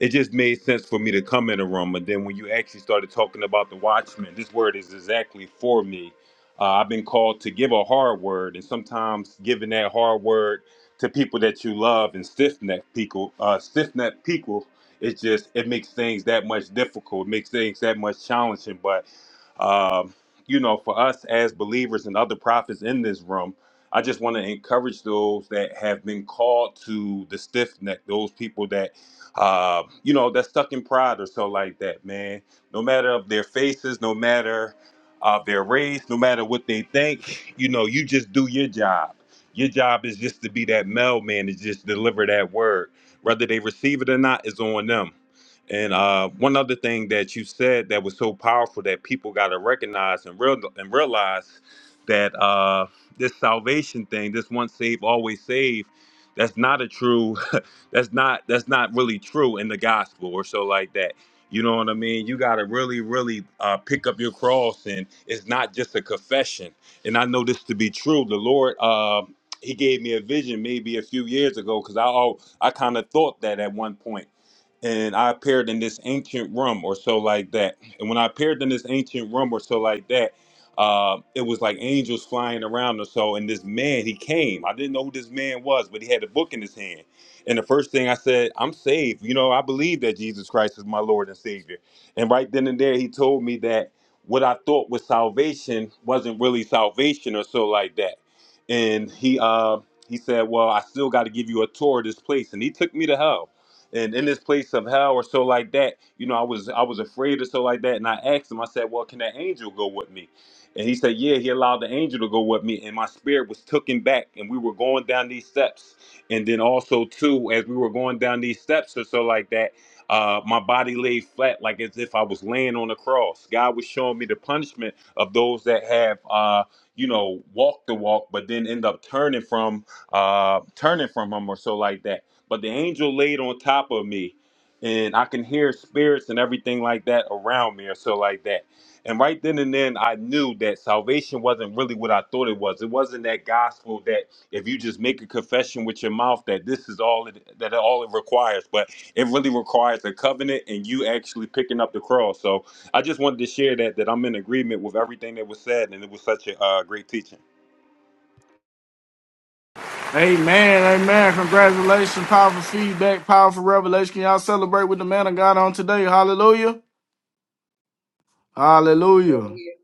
[SPEAKER 6] it just made sense for me to come in a room. And then when you actually started talking about the Watchmen, this word is exactly for me. Uh, I've been called to give a hard word, and sometimes giving that hard word to people that you love and stiff necked people, uh, stiff necked people, it just it makes things that much difficult. It makes things that much challenging. But um, you know, for us as believers and other prophets in this room, I just want to encourage those that have been called to the stiff neck, those people that uh, you know, that's stuck in pride or so like that, man. No matter of their faces, no matter of their race, no matter what they think, you know, you just do your job. Your job is just to be that mailman, is just deliver that word. Whether they receive it or not is on them. And uh, one other thing that you said that was so powerful that people got to recognize and real and realize that uh, this salvation thing, this once saved, always saved, that's not a true, *laughs* that's not that's not really true in the gospel or so like that. You know what I mean? You got to really, really uh, pick up your cross, and it's not just a confession. And I know this to be true. The Lord, uh, He gave me a vision maybe a few years ago because I al- I kind of thought that at one point and I appeared in this ancient room or so like that. And when I appeared in this ancient room or so like that, uh, it was like angels flying around or so. And this man, he came. I didn't know who this man was, but he had a book in his hand. And the first thing I said, I'm saved. You know, I believe that Jesus Christ is my Lord and Savior. And right then and there, he told me that what I thought was salvation wasn't really salvation or so like that. And he uh, he said, Well, I still got to give you a tour of this place. And he took me to hell and in this place of hell or so like that you know i was i was afraid or so like that and i asked him i said well can that angel go with me and he said yeah he allowed the angel to go with me and my spirit was taken back and we were going down these steps and then also too as we were going down these steps or so like that uh, my body laid flat like as if i was laying on a cross god was showing me the punishment of those that have uh, you know walked the walk but then end up turning from uh, turning from him or so like that but the angel laid on top of me, and I can hear spirits and everything like that around me, or so like that. And right then and then, I knew that salvation wasn't really what I thought it was. It wasn't that gospel that if you just make a confession with your mouth that this is all it, that all it requires. But it really requires a covenant and you actually picking up the cross. So I just wanted to share that that I'm in agreement with everything that was said, and it was such a uh, great teaching.
[SPEAKER 1] Amen. Amen. Congratulations. Powerful feedback. Powerful revelation. Can y'all celebrate with the man of God on today? Hallelujah. Hallelujah.
[SPEAKER 7] Hallelujah.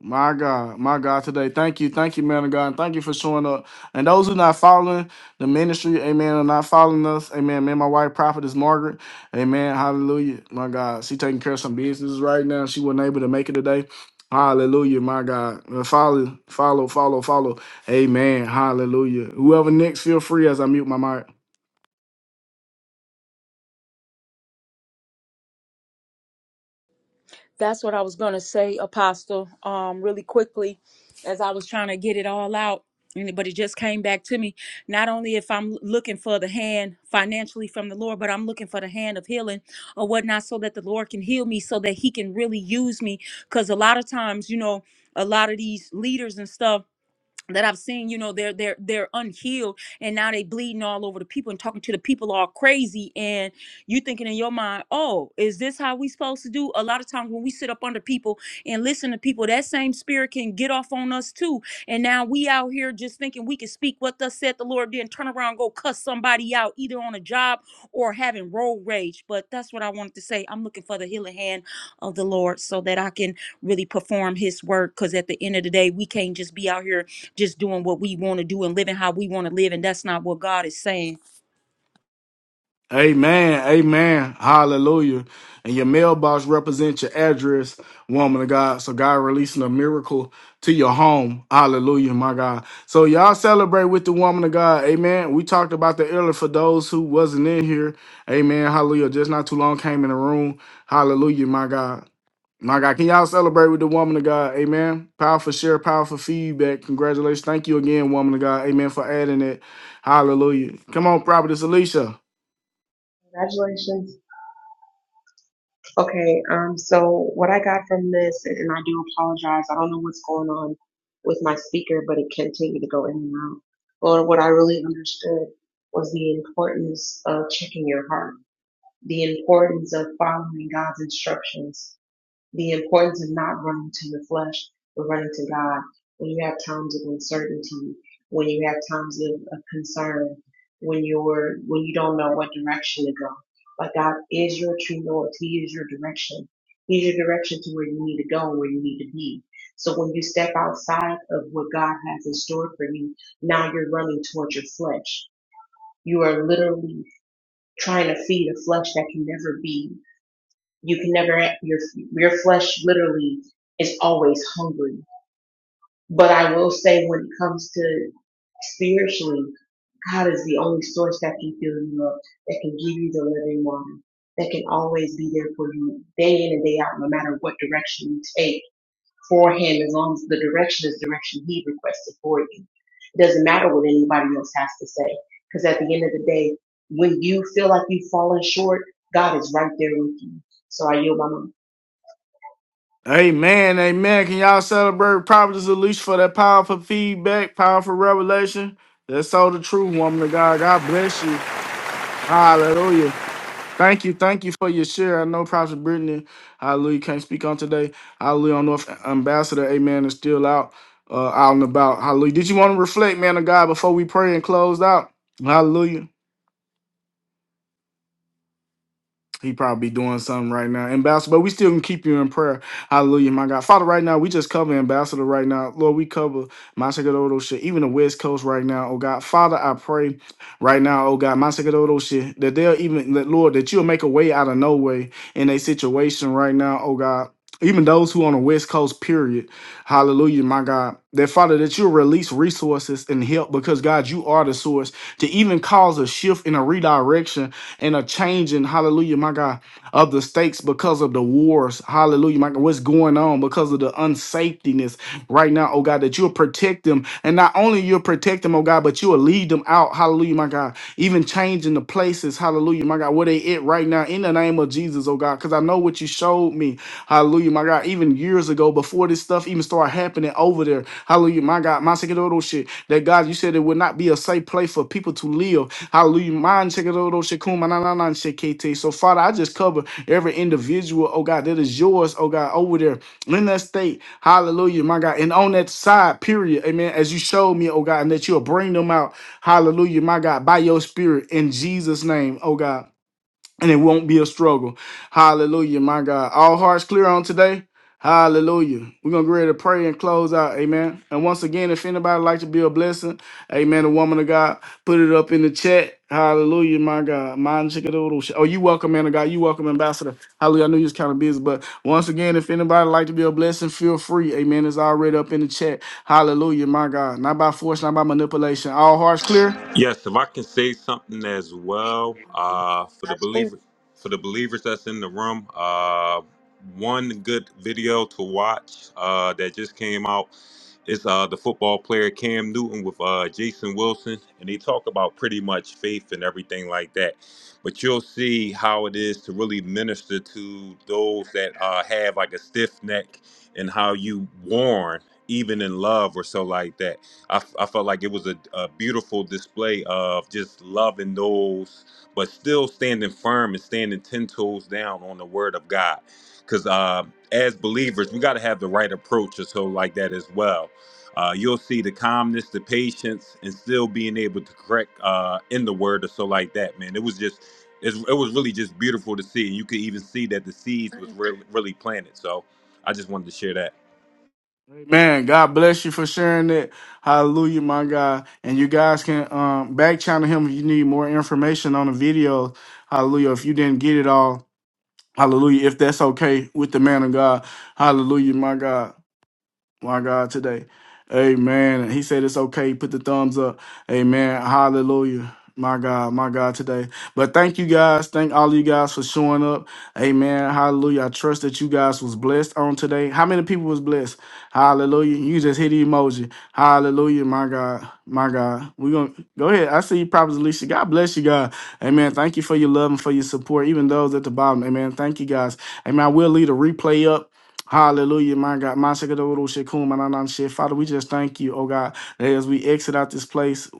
[SPEAKER 1] My God, my God, today. Thank you, thank you, man of God, and thank you for showing up. And those who not following the ministry, amen, are not following us, amen. Man, my wife, prophetess Margaret, amen. Hallelujah, my God. She taking care of some business right now. She wasn't able to make it today. Hallelujah, my God. Uh, Follow, follow, follow, follow. Amen. Hallelujah. Whoever next, feel free as I mute my mic.
[SPEAKER 2] That's what I was going to say, Apostle, um, really quickly as I was trying to get it all out. and- But it just came back to me. Not only if I'm looking for the hand financially from the Lord, but I'm looking for the hand of healing or whatnot so that the Lord can heal me so that He can really use me. Because a lot of times, you know, a lot of these leaders and stuff that I've seen, you know, they're they're they're unhealed and now they bleeding all over the people and talking to the people all crazy and you thinking in your mind, oh, is this how we supposed to do? A lot of times when we sit up under people and listen to people, that same spirit can get off on us too. And now we out here just thinking we can speak what thus said the Lord, then turn around and go cuss somebody out, either on a job or having road rage. But that's what I wanted to say. I'm looking for the healing hand of the Lord so that I can really perform his work. Cause at the end of the day, we can't just be out here just doing what we want to do and living how we want to live. And that's not what God is saying.
[SPEAKER 1] Amen. Amen. Hallelujah. And your mailbox represents your address, woman of God. So God releasing a miracle to your home. Hallelujah, my God. So y'all celebrate with the woman of God. Amen. We talked about the earlier for those who wasn't in here. Amen. Hallelujah. Just not too long came in the room. Hallelujah, my God. My God, can y'all celebrate with the woman of God? Amen. Powerful share, powerful feedback. Congratulations. Thank you again, woman of God. Amen for adding it. Hallelujah. Come on, Prophetess Alicia.
[SPEAKER 7] Congratulations. Okay, um, so what I got from this, and I do apologize, I don't know what's going on with my speaker, but it continued to go in and out. But what I really understood was the importance of checking your heart, the importance of following God's instructions. the importance of not running to the flesh, but running to God. When you have times of uncertainty, when you have times of, of concern, when you're when you don't know what direction to go. But God is your true north. He is your direction. He's your direction to where you need to go and where you need to be. So when you step outside of what God has in store for you, now you're running towards your flesh. You are literally trying to feed a flesh that can never be. You can never your your flesh literally is always hungry. But I will say when it comes to spiritually, God is the only source that can fill you up, that can give you the living water, that can always be there for you day in and day out, no matter what direction you take for Him, as long as the direction is direction He requested for you. It doesn't matter what anybody else has to say, because at the end of the day, when you feel like you've fallen short, God is right there with you. So I yield my mic.
[SPEAKER 1] Amen, amen. Can y'all celebrate Providence Alicia for that powerful feedback, powerful revelation? That's so the truth, woman of God. God bless you. Hallelujah. Thank you, thank you for your share. I know Prophet Brittany, hallelujah, can't speak on today. Hallelujah, I don't know if Ambassador, amen, is still out, uh, out and about. Hallelujah. Did you want to reflect, man of God, before we pray and close out? Hallelujah. He probably doing something right now. Ambassador, but we still can keep you in prayer. Hallelujah, my God. Father, right now, we just cover Ambassador right now. Lord, we cover Masagodo shit, even the West Coast right now, oh God. Father, I pray right now, oh God, Masagodo shit, that they'll even, that, Lord, that you'll make a way out of no way in a situation right now, oh God. Even those who on the West Coast, period. Hallelujah, my God. That Father, that you'll release resources and help because God, you are the source to even cause a shift in a redirection and a changing, hallelujah, my God, of the stakes because of the wars, hallelujah, my God, what's going on because of the unsafetiness right now, oh God, that you'll protect them. And not only you'll protect them, oh God, but you'll lead them out, hallelujah, my God, even changing the places, hallelujah, my God, where they at right now in the name of Jesus, oh God, because I know what you showed me, hallelujah, my God, even years ago before this stuff even started happening over there, hallelujah, my God, my second little shit, that God, you said it would not be a safe place for people to live, Hallelujah. Man, check it out, oh shekuma, na, na, na, shekete. So, Father, I just cover every individual, oh God, that is yours, oh God, over there in that state. Hallelujah, my God. And on that side, period. Amen. As you showed me, oh God, and that you'll bring them out. Hallelujah, my God, by your spirit in Jesus' name, oh God and it won't be a struggle. Hallelujah, my God. All hearts clear on today. Hallelujah. We're gonna get ready to pray and close out. Amen. And once again, if anybody like to be a blessing, amen. A woman of God, put it up in the chat. Hallelujah, my God. Mine chickadoodle. sh- Oh, you welcome, man of God. You welcome, ambassador. Hallelujah. I knew you was kind of busy, but once again, if anybody like to be a blessing, feel free. Amen. It's already up in the chat. Hallelujah, my God. Not by force, not by manipulation. All hearts clear.
[SPEAKER 6] Yes, if I can say something as well, uh, for the
[SPEAKER 7] that's cool.
[SPEAKER 6] believer, for the believers that's in the room, uh, one good video to watch uh, that just came out it's uh the football player Cam Newton with uh Jason Wilson, and they talk about pretty much faith and everything like that. But you'll see how it is to really minister to those that uh have like a stiff neck and how you warn even in love or so like that. I, f- I felt like it was a, a beautiful display of just loving those, but still standing firm and standing ten toes down on the word of God. Because uh, as believers, we got to have the right approach or so like that as well uh, you'll see the calmness, the patience, and still being able to correct uh, in the word or so like that, man. It was just, it's, it was really just beautiful to see. you could even see that the seeds was really, really planted. So I just wanted to share that.
[SPEAKER 1] Man, God bless you for sharing it. Hallelujah, my God. And you guys can um, back channel him if you need more information on the video. Hallelujah. If you didn't get it all, hallelujah. If that's okay with the man of God, hallelujah, my God my God, today. Amen. He said it's okay. Put the thumbs up. Amen. Hallelujah. My God, my God, today. But thank you guys. Thank all of you guys for showing up. Amen. Hallelujah. I trust that you guys was blessed on today. How many people was blessed? Hallelujah. You just hit the emoji. Hallelujah. My God, my God. We're going to go ahead. I see you, Prophet Alicia. God bless you, God. Amen. Thank you for your love and for your support, even those at the bottom. Amen. Thank you guys. Amen. I will leave a replay up. Hallelujah, my God. My Shekadoro Shekum, my Nanan Shek. Father, we just thank you, oh God, that as we exit out this place,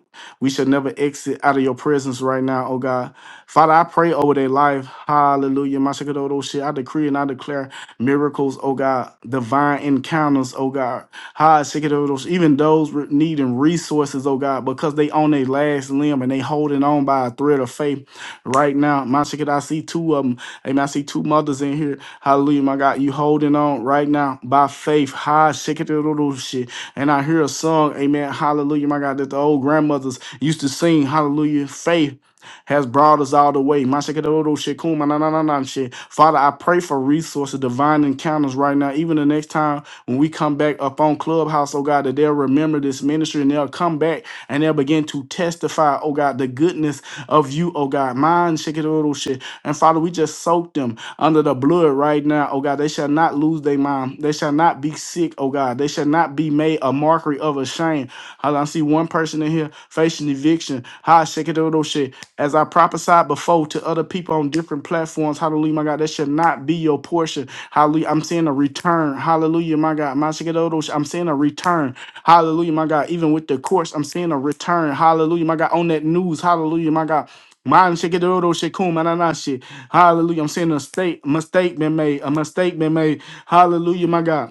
[SPEAKER 1] we should never exit out of your presence right now, oh God. Father, I pray over their life. Hallelujah, my Shekadoro Shek. I decree and I declare miracles, oh God, divine encounters, oh God. Ha Shekadoro Shek. Even those re- needing resources, oh God, because they on their last limb and they holding on by a thread of faith right now. My Shekadoro, I see two of them. Amen. I see two mothers in here Hallelujah, my God. You holding on right now by faith. High shit. And I hear a song, amen. Hallelujah, my God, that the old grandmothers used to sing. Hallelujah. Faith has brought us all the way. My shikadodo shikuma na na na na shit. Father, I pray for resources, divine encounters right now. Even the next time when we come back up on Clubhouse, oh God, that they'll remember this ministry and they'll come back and they'll begin to testify, oh God, the goodness of you, oh God. Mine shikadodo shit. And Father, we just soak them under the blood right now, oh God. They shall not lose their mind. They shall not be sick, oh God. They shall not be made a mockery of a shame. How I see one person in here facing eviction. How I shake it over shit. As I prophesied before to other people on different platforms, hallelujah, my God, that should not be your portion. Hallelujah. I'm seeing a return. Hallelujah, my God. My shake it over shit. I'm seeing a return. Hallelujah, my God. Even with the courts, I'm seeing a return. Hallelujah, my God. On that news, hallelujah, my God. Man, shake it, oh, no shit, Hallelujah. I'm seeing a state mistake been made. A mistake been made. Hallelujah, my God.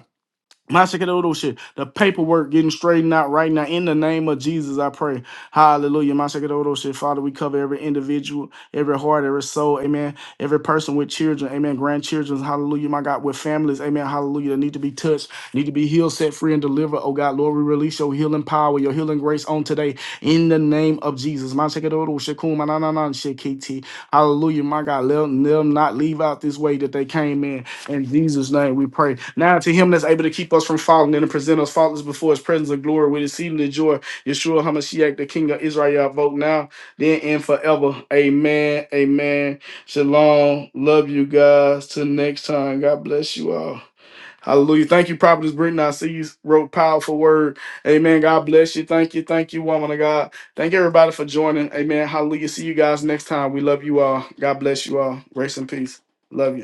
[SPEAKER 1] Mashakadodo shit. The paperwork getting straightened out right now. In the name of Jesus, I pray. Hallelujah. Mashakadodo shit. Father, we cover every individual, every heart, every soul. Amen. Every person with children. Amen. Grandchildren. Hallelujah. My God, with families. Amen. Hallelujah. That need to be touched, need to be healed, set free, and delivered. Oh God, Lord, we release your healing power, your healing grace on today. In the name of Jesus. Mashakadodo shit. Kuma na na na shit, KT. Hallelujah. My God, let them not leave out this way that they came in. In Jesus' name we pray. Now to him that's able to keep us from falling and to present us faultless before his presence of glory with exceeding the joy. Yeshua HaMashiach, the King of Israel, vote now, then and forever. Amen. Amen. Shalom. Love you guys. Till next time. God bless you all. Hallelujah. Thank you, Prophetess Brittany. I see you wrote powerful word. Amen. God bless you. Thank you. Thank you, woman of God. Thank everybody for joining. Amen. Hallelujah. See you guys next time. We love you all. God bless you all. Grace and peace. Love you.